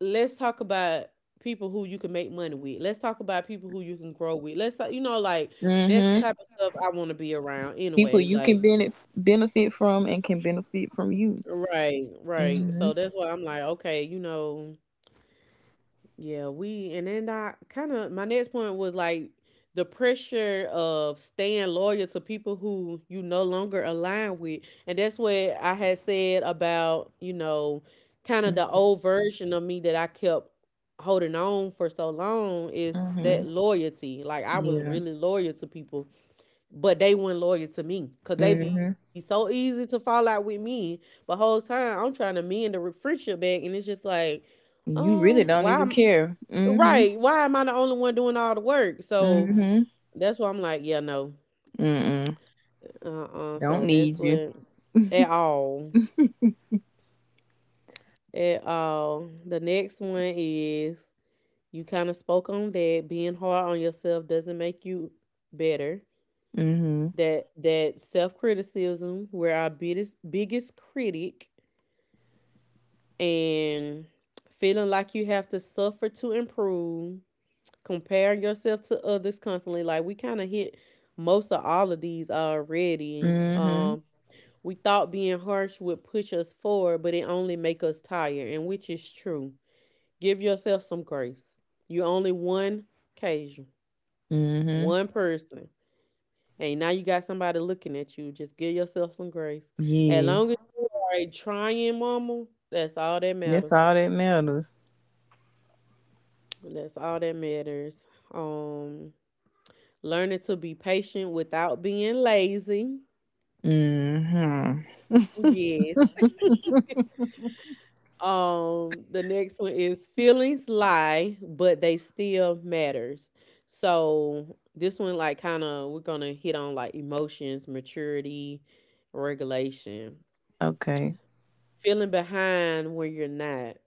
A: let's talk about people who you can make money with, let's talk about people who you can grow with, you know, like that's the
B: Mhm.
A: type of stuff I want to be around
B: People
A: anyways.
B: you can
A: Like
B: benefit from and can benefit from you.
A: right, right, so
B: Mhm.
A: that's why I'm like, okay, you know. Yeah, we and then I kind of my next point was like the pressure of staying loyal to people who you no longer align with. And that's what I had said about, you know, kind of the
B: Mhm.
A: old version of me that I kept holding on for so long is that
B: Mhm.
A: loyalty. Like I was
B: Yeah.
A: really loyal to people, but they weren't loyal to me, because they be
B: Mhm.
A: so easy to fall out with me. But whole time I'm trying to mend the friendship back, and it's just like,
B: You really don't
A: why.
B: even care. Mhm.
A: Right. Why am I the only one doing all the work? So
B: Mhm.
A: that's why I'm like, yeah, no.
B: Mm.
A: Uh-uh.
B: Don't
A: So that's
B: need you.
A: what, at all. At all. The next one is you kind of spoke on that. Being hard on yourself doesn't make you better.
B: Mhm.
A: That self-criticism, we're our biggest critic, and feeling like you have to suffer to improve, compare yourself to others constantly. Like we kind of hit most of all of these already.
B: Mhm.
A: We thought being harsh would push us forward, but it only make us tired, and which is true. Give yourself some grace. You only one occasion,
B: Mhm.
A: one person, and now you got somebody looking at you. Just give yourself some grace. As
B: Yeah.
A: long as you are a trying mama, that's all that
B: That's
A: matters.
B: all that matters.
A: That's all that matters. Um, learning to be patient without being lazy.
B: Mm-hmm.
A: Yes. (laughs) The next one is feelings lie, but they still matters. So this one, like, kind of, we're gonna hit on like emotions, maturity, regulation,
B: Okay.
A: feeling behind when you're not,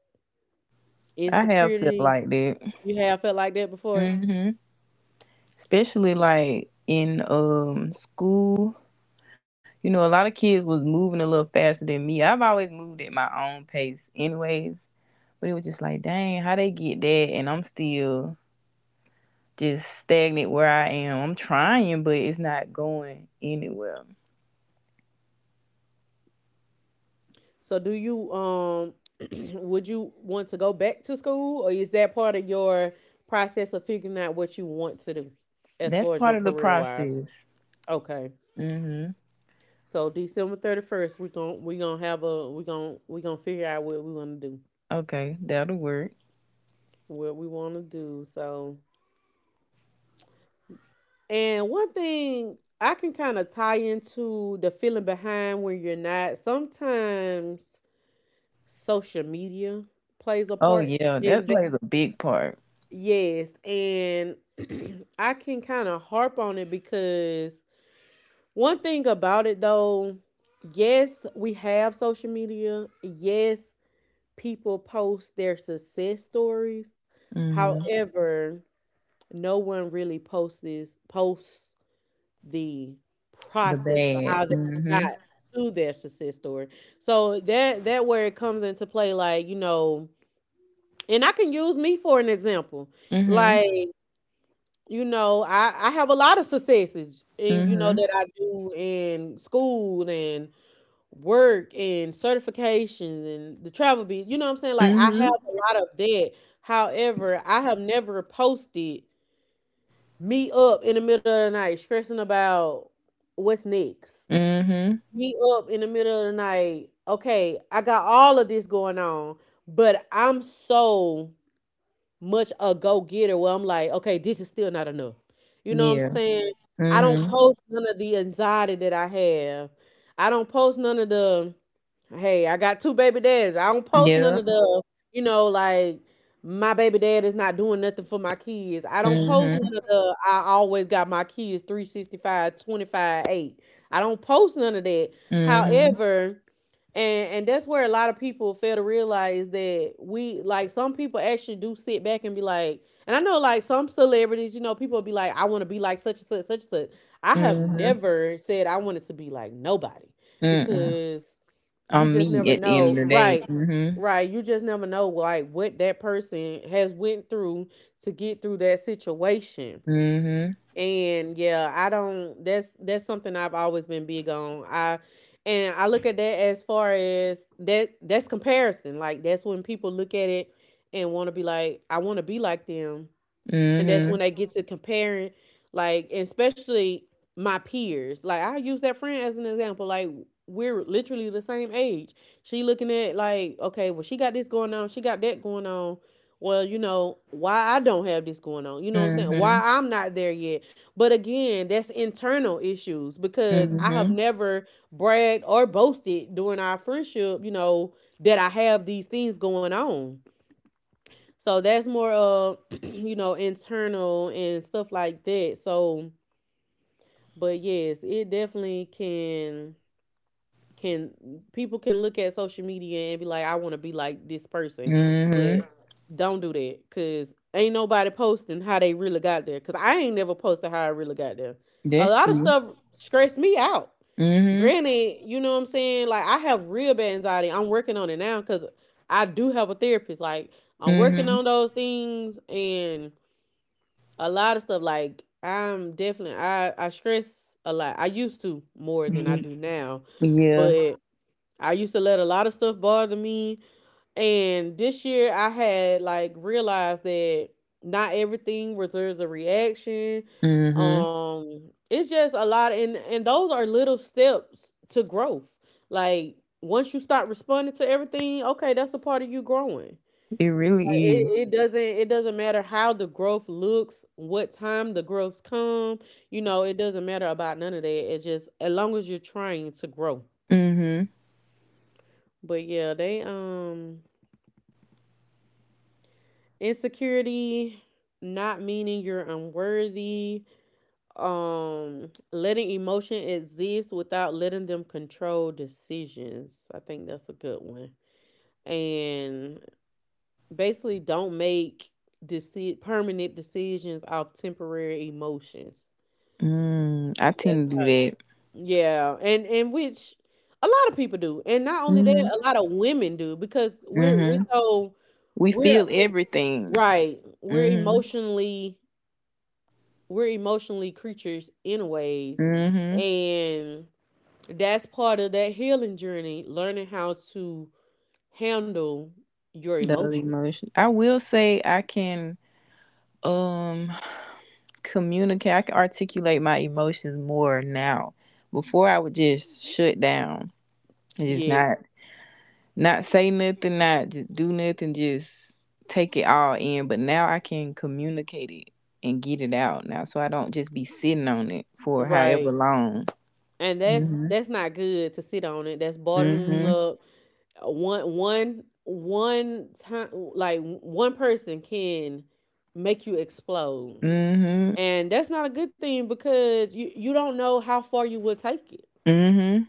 B: I have felt
A: insecurity.
B: like that.
A: You have felt like that before?
B: Mm-hmm. Especially like in school. You know, a lot of kids was moving a little faster than me. I've always moved at my own pace anyways. But it was just like, dang, how they get that and I'm still just stagnant where I am. I'm trying, but it's not going anywhere.
A: So do you (clears throat) would you want to go back to school, or is that part of your process of figuring out what you want to do as
B: That's
A: far as
B: part
A: your
B: of the
A: career wise?
B: process.
A: Okay.
B: Mm-hmm.
A: So December 31st, we're gonna we gonna have a we gonna figure out what we wanna do.
B: Okay, that'll work.
A: What we wanna do. So, and one thing I can kind of tie into the feeling behind when you're not. Sometimes social media plays a
B: Oh
A: part
B: yeah, that
A: in.
B: plays a big part.
A: Yes, and (clears throat) I can kind of harp on it, because one thing about it though, yes, we have social media. Yes, people post their success stories.
B: Mhm.
A: However, no one really posts the
B: The
A: process of how
B: bad.
A: they got
B: Mhm.
A: to their success story. So that where it comes into play, like, and I can use me for an example.
B: Mhm.
A: Like, I have a lot of successes, and you know
B: Mhm.
A: that I do in school and work and certifications and the travel bit. You know what I'm saying? Like, I have
B: Mhm.
A: a lot of that. However, I have never posted me up in the middle of the night stressing about what's next.
B: Mhm.
A: Me up in the middle of the night. Okay, I got all of this going on, but I'm so much a go getter where I'm like, okay, this is still not enough. You know what I'm
B: Yeah.
A: saying? I don't
B: Mhm.
A: post none of the anxiety that I have. I don't post none of the, hey, I got two baby dads. I don't post none
B: Yep.
A: of the, like my baby dad is not doing nothing for my kids. I don't post
B: Mhm.
A: none of the. I always got my kids 365 8. I don't post none of that.
B: Mhm.
A: However, and that's where a lot of people fail to realize that we, like, some people actually do sit back and be like, and I know, like, some celebrities, people be like, I want to be like such and such, such and such. I have
B: Mhm.
A: never said I wanted to be like nobody,
B: Mm.
A: because you
B: I'm
A: just
B: me
A: never
B: at the end of
A: know,
B: the day.
A: right?
B: Mhm.
A: Right, you just never know like what that person has went through to get through that situation.
B: Mhm.
A: And yeah, I don't that's something I've always been big on. I and I look at that as far as that's comparison. Like, that's when people look at it and want to be like, I want to be like them, and that's
B: Mhm.
A: when they get to comparing, like, and especially my peers, like, I use that friend as an example, like, we're literally the same age. She looking at like, okay, well, she got this going on, she got that going on. Well, you know why I don't have this going on? You know what I'm saying?
B: Mhm.
A: Why I'm not there yet? But again, that's internal issues, because I have
B: Mhm.
A: never bragged or boasted during our friendship, you know that I have these things going on. So that's more of, (clears throat) internal and stuff like that. So, but yes, it definitely can people can look at social media and be like, I want to be like this person,
B: Mhm.
A: but don't do that because ain't nobody posting how they really got there. Because I ain't never posted how I really got there. A
B: That's
A: lot of
B: true.
A: stuff stressed me out.
B: Mhm.
A: Granted, you know what I'm saying? Like, I have real bad anxiety. I'm working on it now because I do have a therapist. Like, I'm working
B: Mhm.
A: on those things and a lot of stuff. Like, I stress a lot. I used to more than I
B: Mhm.
A: do now.
B: Yeah.
A: But I used to let a lot of stuff bother me. And this year I had like realized that not everything deserves a reaction.
B: Mhm.
A: It's just a lot, and those are little steps to growth. Like, once you start responding to everything, okay, that's a part of you growing.
B: It
A: Like,
B: really is.
A: it doesn't matter how the growth looks, what time the growth come, it doesn't matter about none of that. It's just as long as you're trying to grow.
B: Mhm.
A: But yeah, they, insecurity, not meaning you're unworthy, letting emotion exist without letting them control decisions, I think that's a good one. And basically don't make permanent decisions off temporary emotions.
B: Mm. I
A: That's
B: tend to do
A: right.
B: that.
A: Yeah, and which a lot of people do, and not only that,
B: Mhm.
A: a lot of women do, because we're
B: Mhm.
A: so,
B: We
A: we're
B: feel
A: em-
B: everything.
A: right,
B: Mm.
A: we're emotionally creatures anyways,
B: Mhm.
A: and that's part of that healing journey, learning how to handle your
B: Those
A: emotions.
B: emotions. I will say I can um communicate. I can articulate my emotions more now. Before I would just shut down and just
A: Yes.
B: not say nothing, not just do nothing, just take it all in. But now I can communicate it and get it out now, so I don't just be sitting on it for however
A: Right,
B: long.
A: and that's
B: Mm.
A: that's not good to sit on it, that's
B: Mhm.
A: bottling
B: Mm.
A: up. One time, like, one person can make you explode,
B: Mhm. Mm. Mhm.
A: and that's not a good thing because you don't know how far you will take it.
B: Mm. Mhm.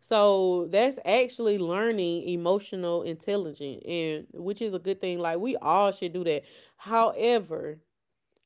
A: So that's actually learning emotional intelligence, and which is a good thing. Like, we all should do that. However,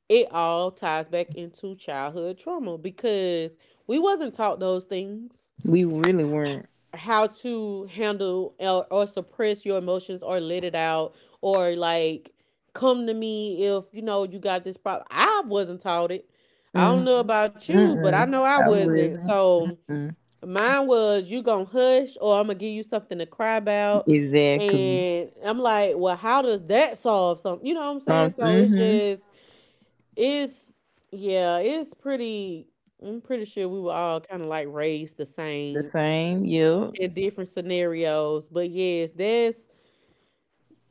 A: it all ties back into childhood trauma because we wasn't taught those things.
B: We really weren't.
A: How to handle or suppress your emotions, or let it out, or like, come to me if you know you got this problem. I wasn't taught it. I don't
B: Mm.
A: know about you, but I know
B: Mm-mm.
A: I
B: I
A: wasn't.
B: wasn't.
A: So
B: Mm.
A: mine was, you gonna hush or I'm gonna give you something to cry about.
B: Exactly.
A: And I'm like, well, how does that solve something? You know what I'm saying? So it's
B: Mm-hmm.
A: just it's yeah, it's pretty I'm pretty sure we were all kind of like raised the
B: The
A: same
B: same. Yep.
A: in different scenarios. But yes, that's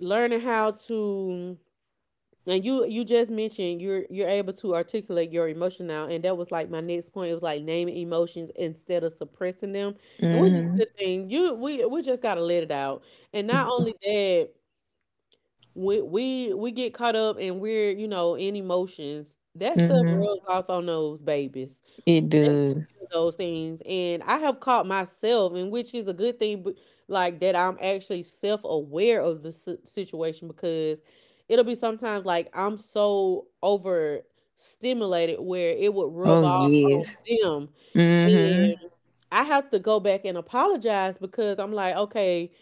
A: learning how to and you just mentioned you're able to articulate your emotion now, and that was like my next point. It was like naming emotions instead of suppressing them, and which is
B: Mm-hmm.
A: a good thing. You we just gotta let it out, and not only that, we get caught up, and we're in emotions, that stuff
B: Mm-hmm.
A: rubs off on those babies.
B: It
A: They
B: does.
A: feel those things, and I have caught myself, and which is a good thing, but like, that I'm actually self-aware of the situation, because it'll be sometimes like I'm so over stimulated where it would rub
B: Oh
A: off on
B: yes.
A: them,
B: Mm-hmm.
A: and I have to go back and apologize because I'm like, okay,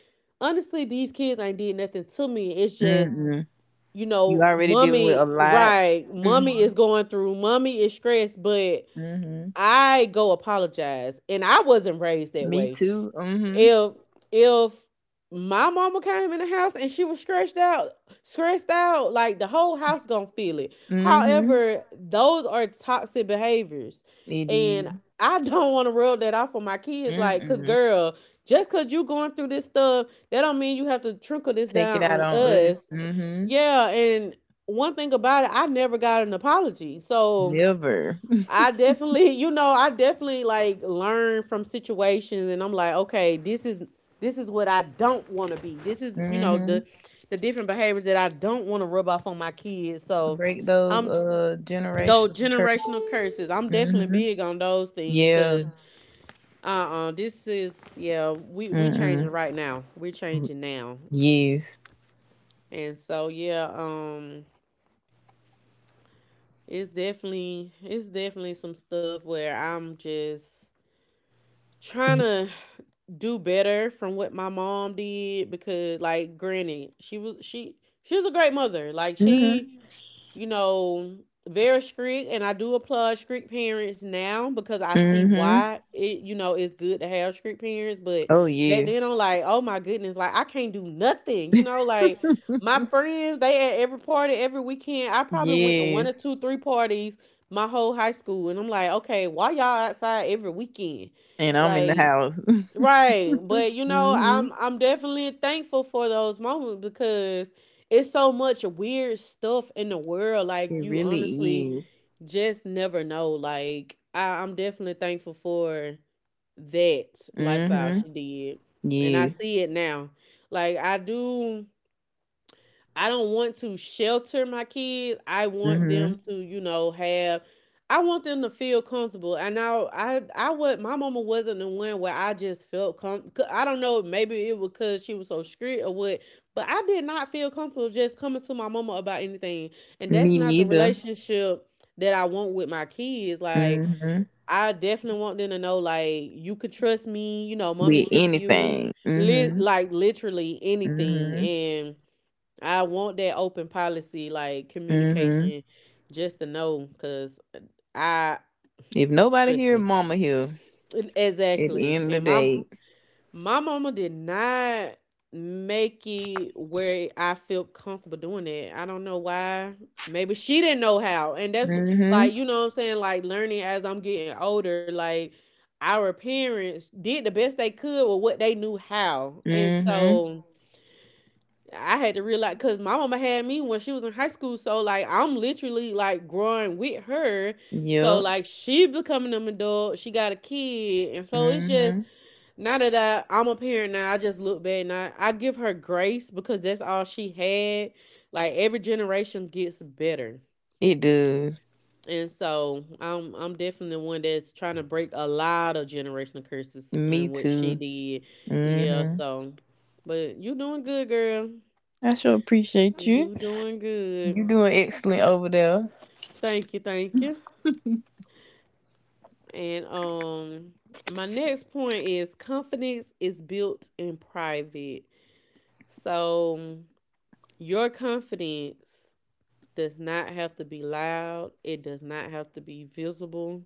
A: honestly, these kids ain't did nothing to me. It's just,
B: Mm-mm. You already dealing with a
A: mommy
B: lot.
A: right, mommy
B: Mm-hmm.
A: is going through, mommy is stressed, but
B: Mm-hmm.
A: I go apologize. And I wasn't raised that
B: Me
A: way.
B: too. Mm-hmm.
A: If if my mama came in the house and she was stressed out, like, the whole house gonna feel it.
B: Mm-hmm.
A: However, those are toxic behaviors.
B: It
A: And
B: is.
A: I (laughs) don't want to rub that off on my kids, like, cause
B: Mm-mm.
A: girl, just cause you going through this stuff, that don't mean you have to trickle this
B: Take
A: down
B: it out
A: on
B: on us.
A: us.
B: Mm-hmm.
A: Yeah, and one thing about it, I never got an apology. So
B: Never. (laughs)
A: (laughs) I definitely like learn from situations, and I'm like, okay, this is what I don't want to be. This is,
B: Mm-hmm.
A: the different behaviors that I don't want to rub off on my kids. So
B: Break those
A: I'm those
B: generational curses.
A: generational curses. I'm definitely
B: Mm-hmm.
A: big on those things
B: Yeah.
A: because uh-uh, this is yeah, we changing
B: Mm-mm.
A: right now. We're changing now.
B: Yes.
A: And so yeah, it's definitely some stuff where I'm just trying to do better from what my mom did, because like, granted, she was a great mother, like, she,
B: Mm-hmm.
A: you know, very strict. And I do applaud strict parents now, because I see
B: Mm-hmm.
A: why it, it's good to have strict parents. But
B: Oh
A: back
B: yes,
A: then, I'm like, oh my goodness, like, I can't do nothing, like, my friends, they at every party every weekend. I probably went to one or
B: yes,
A: two, three parties my whole high school. And I'm like, okay, why y'all outside every weekend?
B: and I'm in the
A: Like,
B: house.
A: right. But
B: (laughs) Hmm.
A: I'm definitely thankful for those moments, because it's so much weird stuff in the world. Like,
B: It
A: you
B: really
A: honestly
B: is.
A: just never know. Like, I'm definitely thankful for that lifestyle
B: Hmm.
A: she did. And I
B: Yes.
A: see it now. Like, I don't want to shelter my kids. I want them
B: Hmm.
A: to, have I want them to feel comfortable. And I was my mama wasn't the one where I just felt comfortable. I don't know, maybe it was cuz she was so strict or what, but I did not feel comfortable just coming to my mama about anything. And that's
B: Me
A: not the
B: neither.
A: relationship that I want with my kids. Like,
B: Hmm.
A: I definitely want them to know like, you could trust me, mom
B: With
A: here for you.
B: anything. Hmm.
A: Like, literally anything,
B: Hmm.
A: and I want that open policy, like,
B: Hmm.
A: communication, just to know, cause, I
B: If nobody
A: trust
B: here,
A: me,
B: mama here.
A: e,
B: At the
A: exactly.
B: end of the
A: And my
B: day.
A: my mama did not make it where I felt comfortable doing that. I don't know why. Maybe she didn't know how, and
B: Hmm.
A: like you know what I'm saying. Like learning as I'm getting older, like our parents did the best they could with what they knew how, and
B: Hmm.
A: so I had to realize because my mama had me when she was in high school, so like I'm literally like growing with her. So
B: Yep.
A: like she becoming an adult, she got a kid, and so it's just
B: Hmm.
A: now that I'm a parent now, I just look back and I give her grace because that's all she had. Like every generation gets better,
B: It does.
A: and so I'm definitely one that's trying to break a lot of generational curses
B: Me
A: and what she
B: too.
A: did. Yeah,
B: Hmm.
A: so but you doing good, girl.
B: I sure appreciate
A: You
B: you.
A: do doing good.
B: You doing excellent over there.
A: Thank you, thank you. And my next point is confidence is built in private. So your confidence does not have to be loud. It does not have to be visible.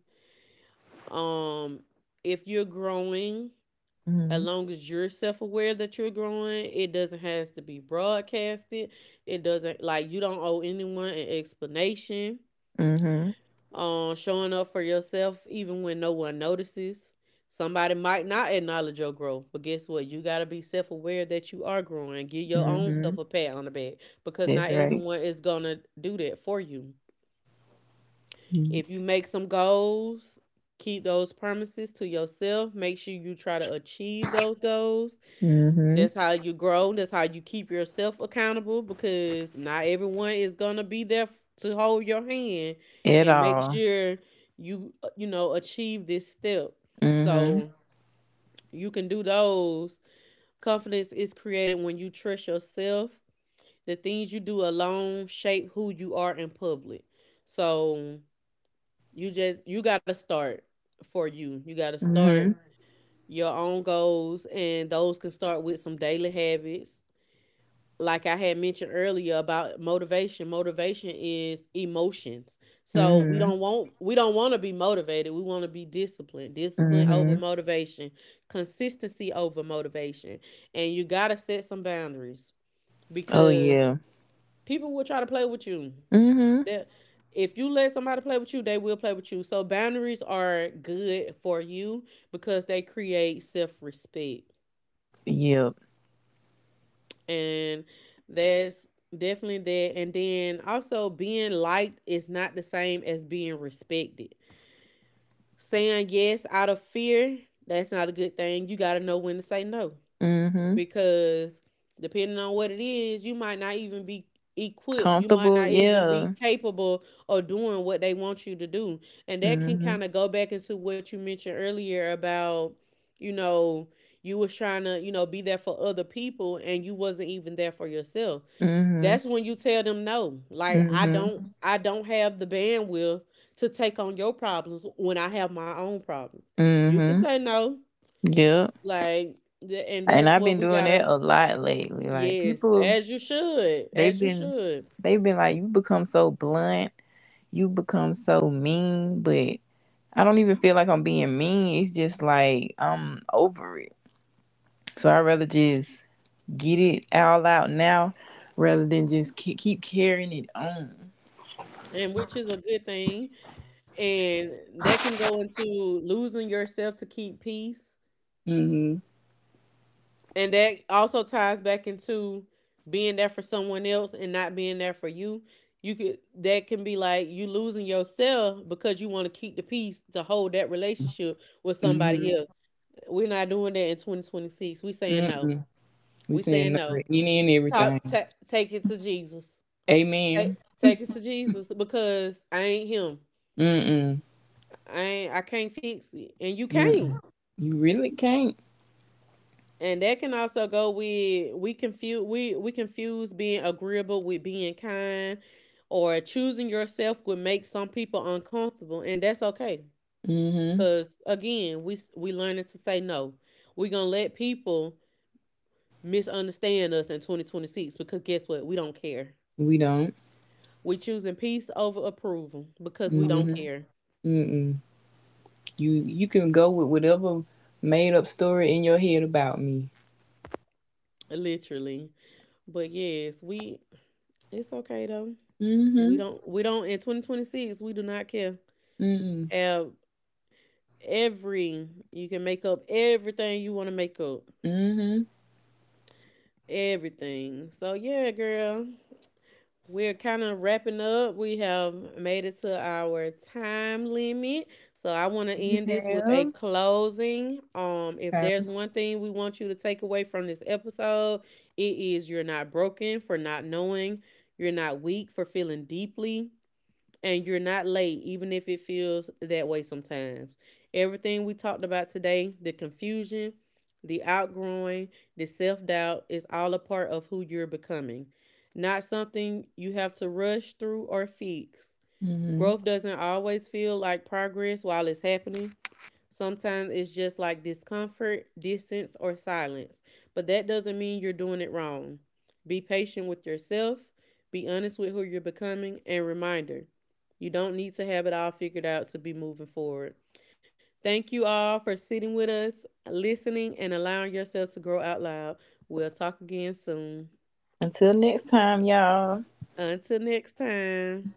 A: Um if you're growing, as
B: Hmm.
A: long as you're self-aware that you're growing, it doesn't has to be broadcasted. It doesn't, like, you don't owe anyone an explanation,
B: Hmm.
A: showing up for yourself even when no one notices. Somebody might not acknowledge your growth, but guess what, you got to be self-aware that you are growing. Give your own self
B: Mm-hmm.
A: a pat on the back because
B: That's
A: not
B: right.
A: everyone is gonna do that for you. If you make some goals, keep those promises to yourself, make sure you try to achieve those goals.
B: Mm-hmm.
A: That's how you grow. That's how you keep yourself accountable, because not everyone is gonna be there to hold your hand
B: At
A: and make
B: all.
A: sure you you know, achieve this step.
B: Mm-hmm.
A: So you can do those. Confidence is created when you trust yourself. The things you do alone shape who you are in public. So you gotta start for you. You gotta start
B: Mm-hmm.
A: your own goals, and those can start with some daily habits. Like I had mentioned earlier about motivation, motivation is emotions. So
B: Mm-hmm.
A: we don't want to be motivated. We want to be disciplined. Discipline over
B: Mm-hmm.
A: motivation, consistency over motivation. And you got to set some boundaries
B: Oh
A: because
B: yeah.
A: people will try to play with you.
B: Mm-hmm.
A: That if you let somebody play with you, they will play with you. So boundaries are good for you because they create self-respect.
B: Yep.
A: And that's definitely that. And then also, being liked is not the same as being respected. Saying yes out of fear, that's not a good thing. You got to know when to say no,
B: Mm-hmm.
A: because depending on what it is, you might not even be equipped, you might
B: Comfortable,
A: not even be
B: yeah.
A: capable of doing what they want you to do. And that can
B: Mm-hmm.
A: kind of go back into what you mentioned earlier about, you know, you was trying to, you know, be there for other people and you wasn't even there for yourself.
B: Mm-hmm.
A: That's when you tell them no. Like,
B: Mm-hmm.
A: I don't have the bandwidth to take on your problems when I have my own problems. You can
B: Mm-hmm.
A: say no.
B: Yep.
A: Like and
B: And
A: that's
B: I've
A: what
B: been
A: we
B: doing that
A: gotta.
B: a lot lately. Like
A: Yes,
B: people
A: as you should,
B: they've
A: as you
B: been
A: should.
B: they've been like, you become so blunt, you become so mean, but I don't even feel like I'm being mean. It's just like I'm over it. So I'd rather just get it all out now rather than just keep carrying it on.
A: And which is a good thing, and that can go into losing yourself to keep peace.
B: Mm-hmm.
A: And that also ties back into being there for someone else and not being there for you. You could that can be like you losing yourself because you want to keep the peace to hold that relationship with
B: Mm-hmm.
A: somebody else. We're not doing that in 2026. We saying no.
B: Mm-mm. We
A: We
B: saying
A: saying
B: no to
A: no.
B: any and everything.
A: Talk take it to Jesus. Take
B: Amen.
A: Take it to Jesus because I ain't him.
B: Mm-mm.
A: I can't fix it. And you can't.
B: Mm-mm. You really can't.
A: And that can also go with, we confuse being agreeable with being kind, or choosing yourself would make some people uncomfortable, and that's okay.
B: Mm-hmm.
A: Cause again, we learning to say no. We're gonna let people misunderstand us in 2026, because guess what? We don't care.
B: We don't.
A: We choosing peace over approval because we don't
B: Mm-hmm.
A: care.
B: Mm-mm. You can go with whatever made up story in your head about me.
A: Literally. But yes, we it's okay though.
B: Mm-hmm.
A: We don't in 2026 we do not care.
B: Mm-mm.
A: Have every, you can make up everything you want to make up,
B: Mm-hmm.
A: everything. So yeah, girl, we're kind of wrapping up. We have made it to our time limit, so I want to
B: You
A: end this with a
B: have.
A: closing. If
B: Okay.
A: there's one thing we want you to take away from this episode, it is you're not broken for not knowing, you're not weak for feeling deeply, and you're not late, even if it feels that way sometimes. Everything we talked about today, the confusion, the outgrowing, the self doubt, is all a part of who you're becoming, not something you have to rush through or fix.
B: Mm-hmm.
A: Growth doesn't always feel like progress while it's happening. Sometimes it's just like discomfort, distance, or silence, but that doesn't mean you're doing it wrong. Be patient with yourself, be honest with who you're becoming, and reminder, you don't need to have it all figured out to be moving forward. Thank you all for sitting with us, listening, and allowing yourself to grow out loud. We'll talk again soon.
B: Until next time, y'all.
A: Until next time.